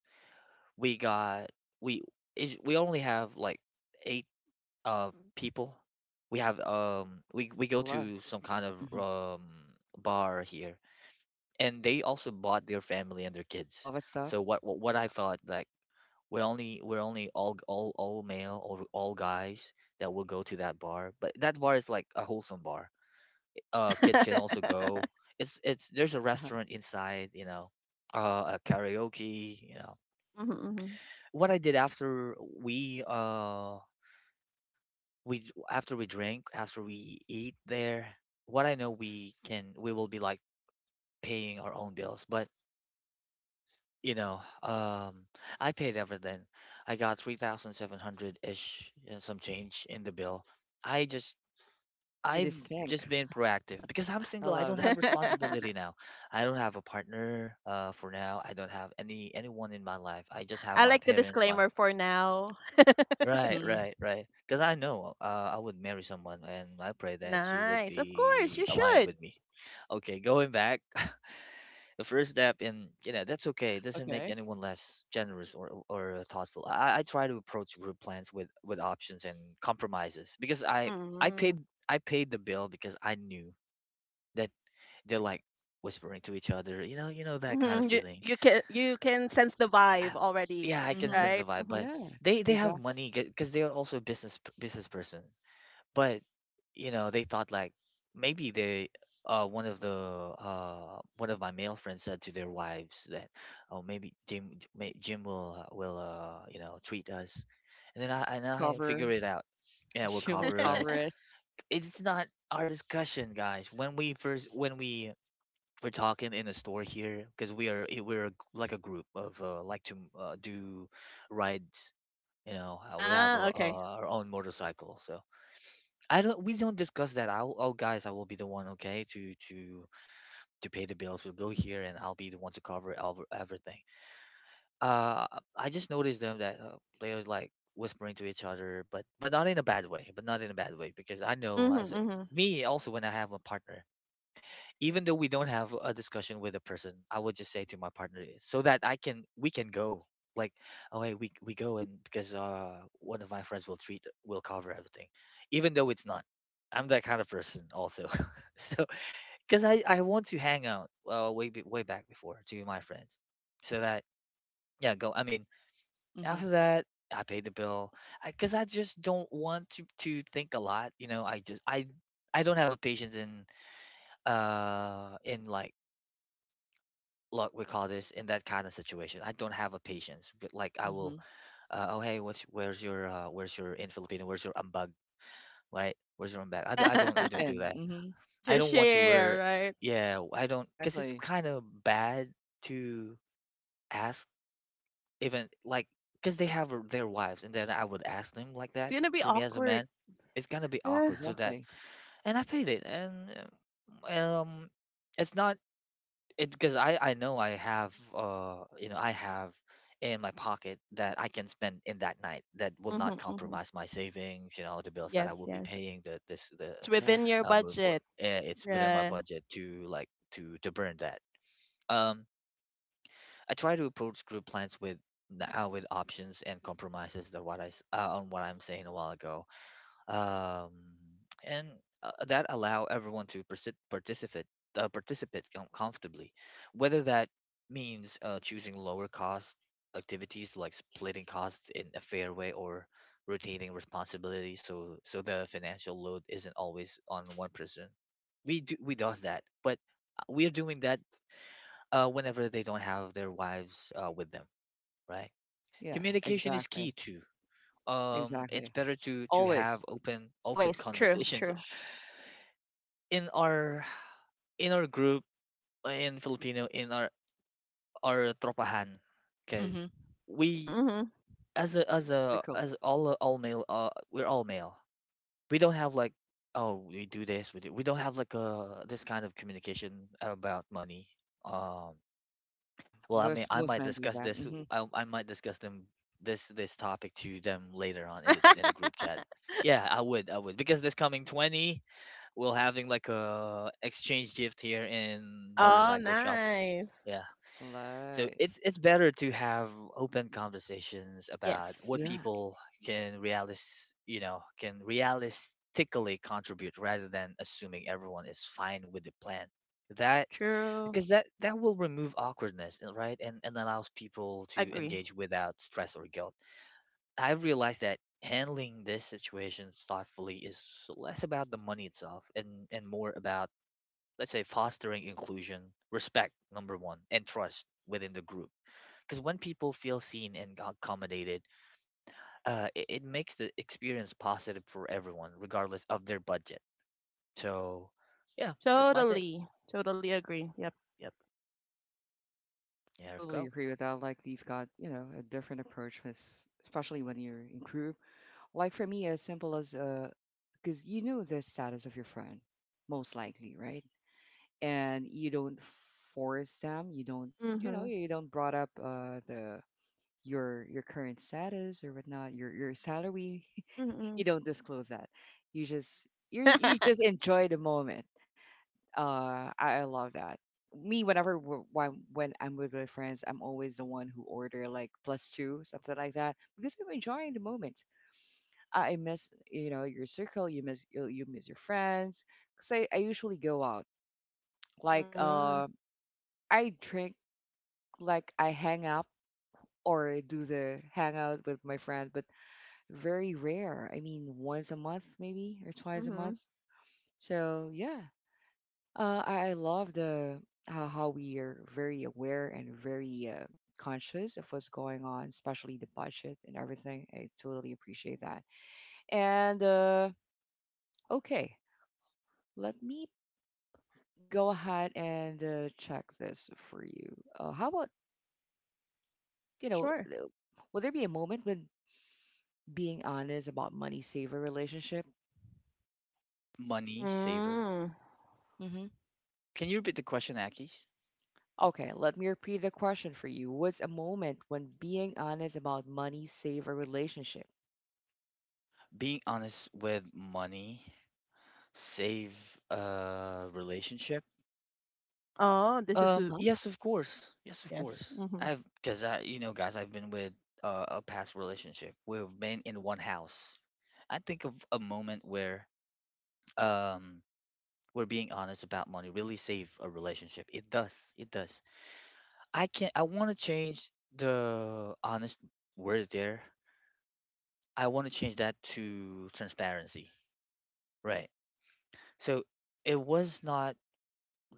[SPEAKER 2] we got we is we only have like eight uh people. We have we
[SPEAKER 1] There's
[SPEAKER 2] go
[SPEAKER 1] a lot.
[SPEAKER 2] to some kind of
[SPEAKER 1] Hmm.
[SPEAKER 2] bar here, and they also bought their family and their kids.
[SPEAKER 1] Nova stuff.
[SPEAKER 2] So what I thought like we're only all male or all guys that will go to that bar, but that bar is like a wholesome bar, uh, kids can also go. It's there's a
[SPEAKER 1] Uh-huh.
[SPEAKER 2] restaurant inside, you know, a karaoke, you know.
[SPEAKER 3] Mhm.
[SPEAKER 2] What I did after we uh we after we drink, after we eat there, what I know we can we will be like paying our own bills, but you know I paid everything. I got 3700 ish and some change in the bill. I just
[SPEAKER 1] Very
[SPEAKER 2] I've just
[SPEAKER 1] distinct.
[SPEAKER 2] been proactive because I'm
[SPEAKER 1] I
[SPEAKER 2] single. I
[SPEAKER 1] love
[SPEAKER 2] don't
[SPEAKER 1] that.
[SPEAKER 2] have responsibility now. I don't have a partner for now. I don't have anyone in my life. I just have
[SPEAKER 3] I
[SPEAKER 2] my
[SPEAKER 3] like the
[SPEAKER 2] parents, my
[SPEAKER 3] disclaimer for now.
[SPEAKER 2] Right,
[SPEAKER 1] Hmm.
[SPEAKER 2] right, right. Because I know I would marry someone and I pray that she would
[SPEAKER 3] Nice. Of course, you
[SPEAKER 2] be aligned
[SPEAKER 3] should.
[SPEAKER 2] with me. Okay, going back, the first step in, you know, that's okay. It doesn't make
[SPEAKER 1] Okay.
[SPEAKER 2] anyone less generous or thoughtful. I try to approach group plans with options and compromises, because I
[SPEAKER 3] Mm-hmm.
[SPEAKER 2] paid I paid the bill because I knew that they're like whispering to each other, you know that kind of
[SPEAKER 3] Mm-hmm. You
[SPEAKER 2] feeling.
[SPEAKER 3] you can sense the
[SPEAKER 2] Uh,
[SPEAKER 3] vibe already,
[SPEAKER 2] yeah, I can
[SPEAKER 1] Hmm.
[SPEAKER 2] sense
[SPEAKER 3] right?
[SPEAKER 2] the vibe,
[SPEAKER 3] Mhm.
[SPEAKER 2] but
[SPEAKER 1] Yeah,
[SPEAKER 2] they have
[SPEAKER 1] exactly.
[SPEAKER 2] money because they are also business person. But you know, they thought like maybe they one of my male friends said to their wives that oh, maybe Jim will you know treat us, and then I and
[SPEAKER 1] We'll
[SPEAKER 2] I figure
[SPEAKER 1] cover.
[SPEAKER 2] it out. Yeah, will
[SPEAKER 1] She will
[SPEAKER 2] cover
[SPEAKER 1] cover
[SPEAKER 2] us.
[SPEAKER 1] it.
[SPEAKER 2] It's not our discussion, guys. When we we're talking in a store here because we are we're a like a group of like to do rides, you know, we have
[SPEAKER 3] Ah, okay.
[SPEAKER 2] our own motorcycle. So I don't we don't discuss that. I'll Oh guys, I will be the one, okay, to pay the bills. We'll go here and I'll be the one to cover everything. uh I just noticed them that they was like whispering to each other, but not in a bad way, but not in a bad way. Because I know as
[SPEAKER 3] Mm-hmm,
[SPEAKER 2] me also, when I have a partner, even though we don't have a discussion with a person, I would just say to my partner, so that I can we can go, like, oh hey, we go, and because one of my friends will treat, will cover everything, even though it's not. I'm that kind of person also. So because I want to hang out, way back before, to my friends, so that, yeah, go, I mean,
[SPEAKER 1] Hmm.
[SPEAKER 2] after that I pay the bill. 'Cause I just don't want to think a lot, you know. I just I don't have a patience in in, like we call this in that kind of situation, I don't have a patience. But like I will,
[SPEAKER 1] Hmm.
[SPEAKER 2] oh hey, what's, where's your, where's your, in Filipino, where's your ambag, right? Where's your ambag?
[SPEAKER 1] Yeah,
[SPEAKER 2] I don't, i
[SPEAKER 1] chip
[SPEAKER 3] mm-hmm.
[SPEAKER 2] don't do
[SPEAKER 1] in,
[SPEAKER 2] that.
[SPEAKER 1] mhm,
[SPEAKER 3] We
[SPEAKER 2] I
[SPEAKER 3] should
[SPEAKER 2] don't want to learn.
[SPEAKER 3] share, right?
[SPEAKER 2] Yeah, I don't, because it's
[SPEAKER 1] exactly.
[SPEAKER 2] kind of bad to ask, even like, because they have, their wives, and then I would ask them like
[SPEAKER 3] It's
[SPEAKER 2] that.
[SPEAKER 3] gonna be
[SPEAKER 2] For me, as a
[SPEAKER 3] awkward.
[SPEAKER 2] man, it's gonna be
[SPEAKER 1] Yeah,
[SPEAKER 3] Yeah.
[SPEAKER 2] awkward, so that.
[SPEAKER 1] exactly,
[SPEAKER 2] And I paid it. And uh, um it's not it, because I know I have, you know, I have in my pocket that I can spend in that night, that will
[SPEAKER 3] Mm-hmm,
[SPEAKER 2] not
[SPEAKER 3] mm-hmm.
[SPEAKER 2] compromise my savings, you know, the bills that I
[SPEAKER 3] Yes,
[SPEAKER 2] will be
[SPEAKER 3] yes.
[SPEAKER 2] paying, the this the
[SPEAKER 3] It's within your
[SPEAKER 1] exactly.
[SPEAKER 2] move for,
[SPEAKER 3] budget.
[SPEAKER 2] it's within my
[SPEAKER 3] Yeah.
[SPEAKER 2] budget to, like, to burn that. um I try to approach group plans with, with options and compromises, that what on what I'm saying a while ago. um, and that allow everyone to participate, participate comfortably, whether that means, choosing lower cost activities, like splitting costs in a fair way, or rotating responsibilities, so the financial load isn't always on one person. We does that, but we're doing that, whenever they don't have their wives, with them, right?
[SPEAKER 1] Yeah,
[SPEAKER 2] Communication is key
[SPEAKER 1] exactly,
[SPEAKER 2] too. It's
[SPEAKER 1] exactly.
[SPEAKER 2] better to have
[SPEAKER 1] Always,
[SPEAKER 2] open
[SPEAKER 3] Always. True,
[SPEAKER 2] conversations
[SPEAKER 3] true.
[SPEAKER 2] in our, in our group, in Filipino, in our tropahan,
[SPEAKER 1] mm,
[SPEAKER 2] because
[SPEAKER 1] mhm,
[SPEAKER 2] we,
[SPEAKER 3] Mm-hmm.
[SPEAKER 2] as a, as
[SPEAKER 1] it's
[SPEAKER 2] a,
[SPEAKER 1] cool.
[SPEAKER 2] as all male, we're all male. We don't have like, oh we do this, we don't have like a, this kind of communication about money. um
[SPEAKER 1] Yeah,
[SPEAKER 2] well, I mean,
[SPEAKER 1] most
[SPEAKER 2] I
[SPEAKER 1] most
[SPEAKER 2] might
[SPEAKER 1] men do
[SPEAKER 2] discuss
[SPEAKER 1] that,
[SPEAKER 2] this,
[SPEAKER 1] mm, mhm.
[SPEAKER 2] I might discuss them this, this topic to them later on, in the, in the group chat. Yeah, I would, because this coming 20, we're having like a exchange gift here in
[SPEAKER 3] Oh,
[SPEAKER 2] motorcycle shop.
[SPEAKER 3] nice.
[SPEAKER 2] Yeah. So it's
[SPEAKER 1] Nice.
[SPEAKER 2] it's better to have open conversations about
[SPEAKER 3] Yes.
[SPEAKER 2] what
[SPEAKER 1] Yeah,
[SPEAKER 2] people can realis you know, can realistically contribute, rather than assuming everyone is fine with the plan, that,
[SPEAKER 3] True.
[SPEAKER 2] because that will remove awkwardness, right? And allows people to
[SPEAKER 3] Agree.
[SPEAKER 2] engage without stress or guilt. I realized that handling this situation thoughtfully is less about the money itself and more about, let's say, fostering inclusion, respect, number one, and trust within the group. Because when people feel seen and accommodated, it, it makes the experience positive for everyone, regardless of their budget. So, yeah, that's my take.
[SPEAKER 3] Totally. Totally agree. Yep, yep.
[SPEAKER 1] I
[SPEAKER 2] There we
[SPEAKER 1] totally
[SPEAKER 2] go.
[SPEAKER 1] agree with that. Like we've got, a different approach, with, especially when you're in group. Like for me, as simple as because you know the status of your friend, most likely, right? And you don't force them. You don't, you know,
[SPEAKER 3] Mm-hmm.
[SPEAKER 1] you don't brought up the your current status or whatnot, your salary.
[SPEAKER 3] Mm-hmm.
[SPEAKER 1] You don't disclose that. You just you you just
[SPEAKER 3] Mm.
[SPEAKER 1] enjoy the moment. I love that. Me, whenever when I'm with my friends, I'm always the one who order like plus two something like that because I'm enjoying the moment. I miss your circle. You miss your friends. Cause I usually go out, like I drink, like I hang out or do the hangout with my friend, but very rare. I mean, once a month maybe or twice a
[SPEAKER 3] Mm-hmm.
[SPEAKER 1] month. So yeah, I love the how we are very aware and very conscious of what's going on, especially the budget and everything. I totally appreciate that. And okay, let me go ahead and check this for you. How about you know,
[SPEAKER 3] Sure.
[SPEAKER 1] uh, will there be a moment when being honest about money saver relationship?
[SPEAKER 2] Money saver.
[SPEAKER 3] Mm.
[SPEAKER 1] Mm-hmm.
[SPEAKER 2] Can you repeat the question, Akis?
[SPEAKER 1] Okay, let me repeat the question for you. What's a moment when being honest about money saved a relationship?
[SPEAKER 2] Being honest with money save a relationship?
[SPEAKER 3] Oh, this is. A-
[SPEAKER 1] Uh-huh.
[SPEAKER 2] Yes, of course. Yes, of
[SPEAKER 3] Yes.
[SPEAKER 2] course.
[SPEAKER 3] Mm-hmm.
[SPEAKER 2] I've, because I, you know, guys, I've been with a past relationship. We've been in one house. I think of a moment where um we're being honest about money really save a relationship. It does. It does. I can't. I want to change the honest word there. I want to change that to transparency. Right. So it was not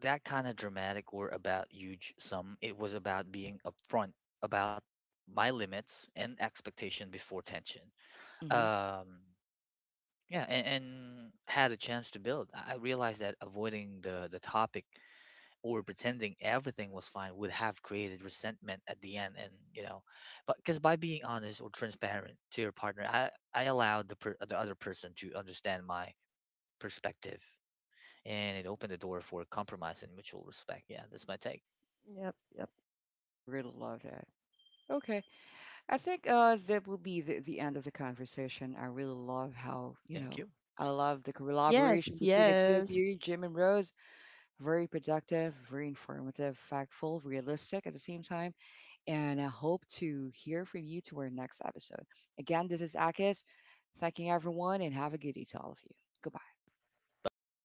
[SPEAKER 2] that kind of dramatic or about huge sum. It was about being upfront about my limits and expectation before tension.
[SPEAKER 1] Hmm.
[SPEAKER 2] Um, yeah, and had a chance to build. I realized that avoiding the topic or pretending everything was fine would have created resentment at the end. And you know, but because by being honest or transparent to your partner, I allowed the per, the other person to understand my perspective, and it opened the door for compromise and mutual respect. Yeah, that's my take.
[SPEAKER 3] Yep, yep.
[SPEAKER 1] I really love that. Okay. I think that will be the end of the conversation. I really love how,
[SPEAKER 2] Thank you.
[SPEAKER 1] I love the collaboration
[SPEAKER 3] Yes,
[SPEAKER 1] between the two of
[SPEAKER 3] yes.
[SPEAKER 1] you, Jim and Rose. Very productive, very informative, factful, realistic at the same time. And I hope to hear from you to our next episode. Again, this is Akis, thanking everyone and have a good day to all of you. Goodbye.
[SPEAKER 2] Bye bye.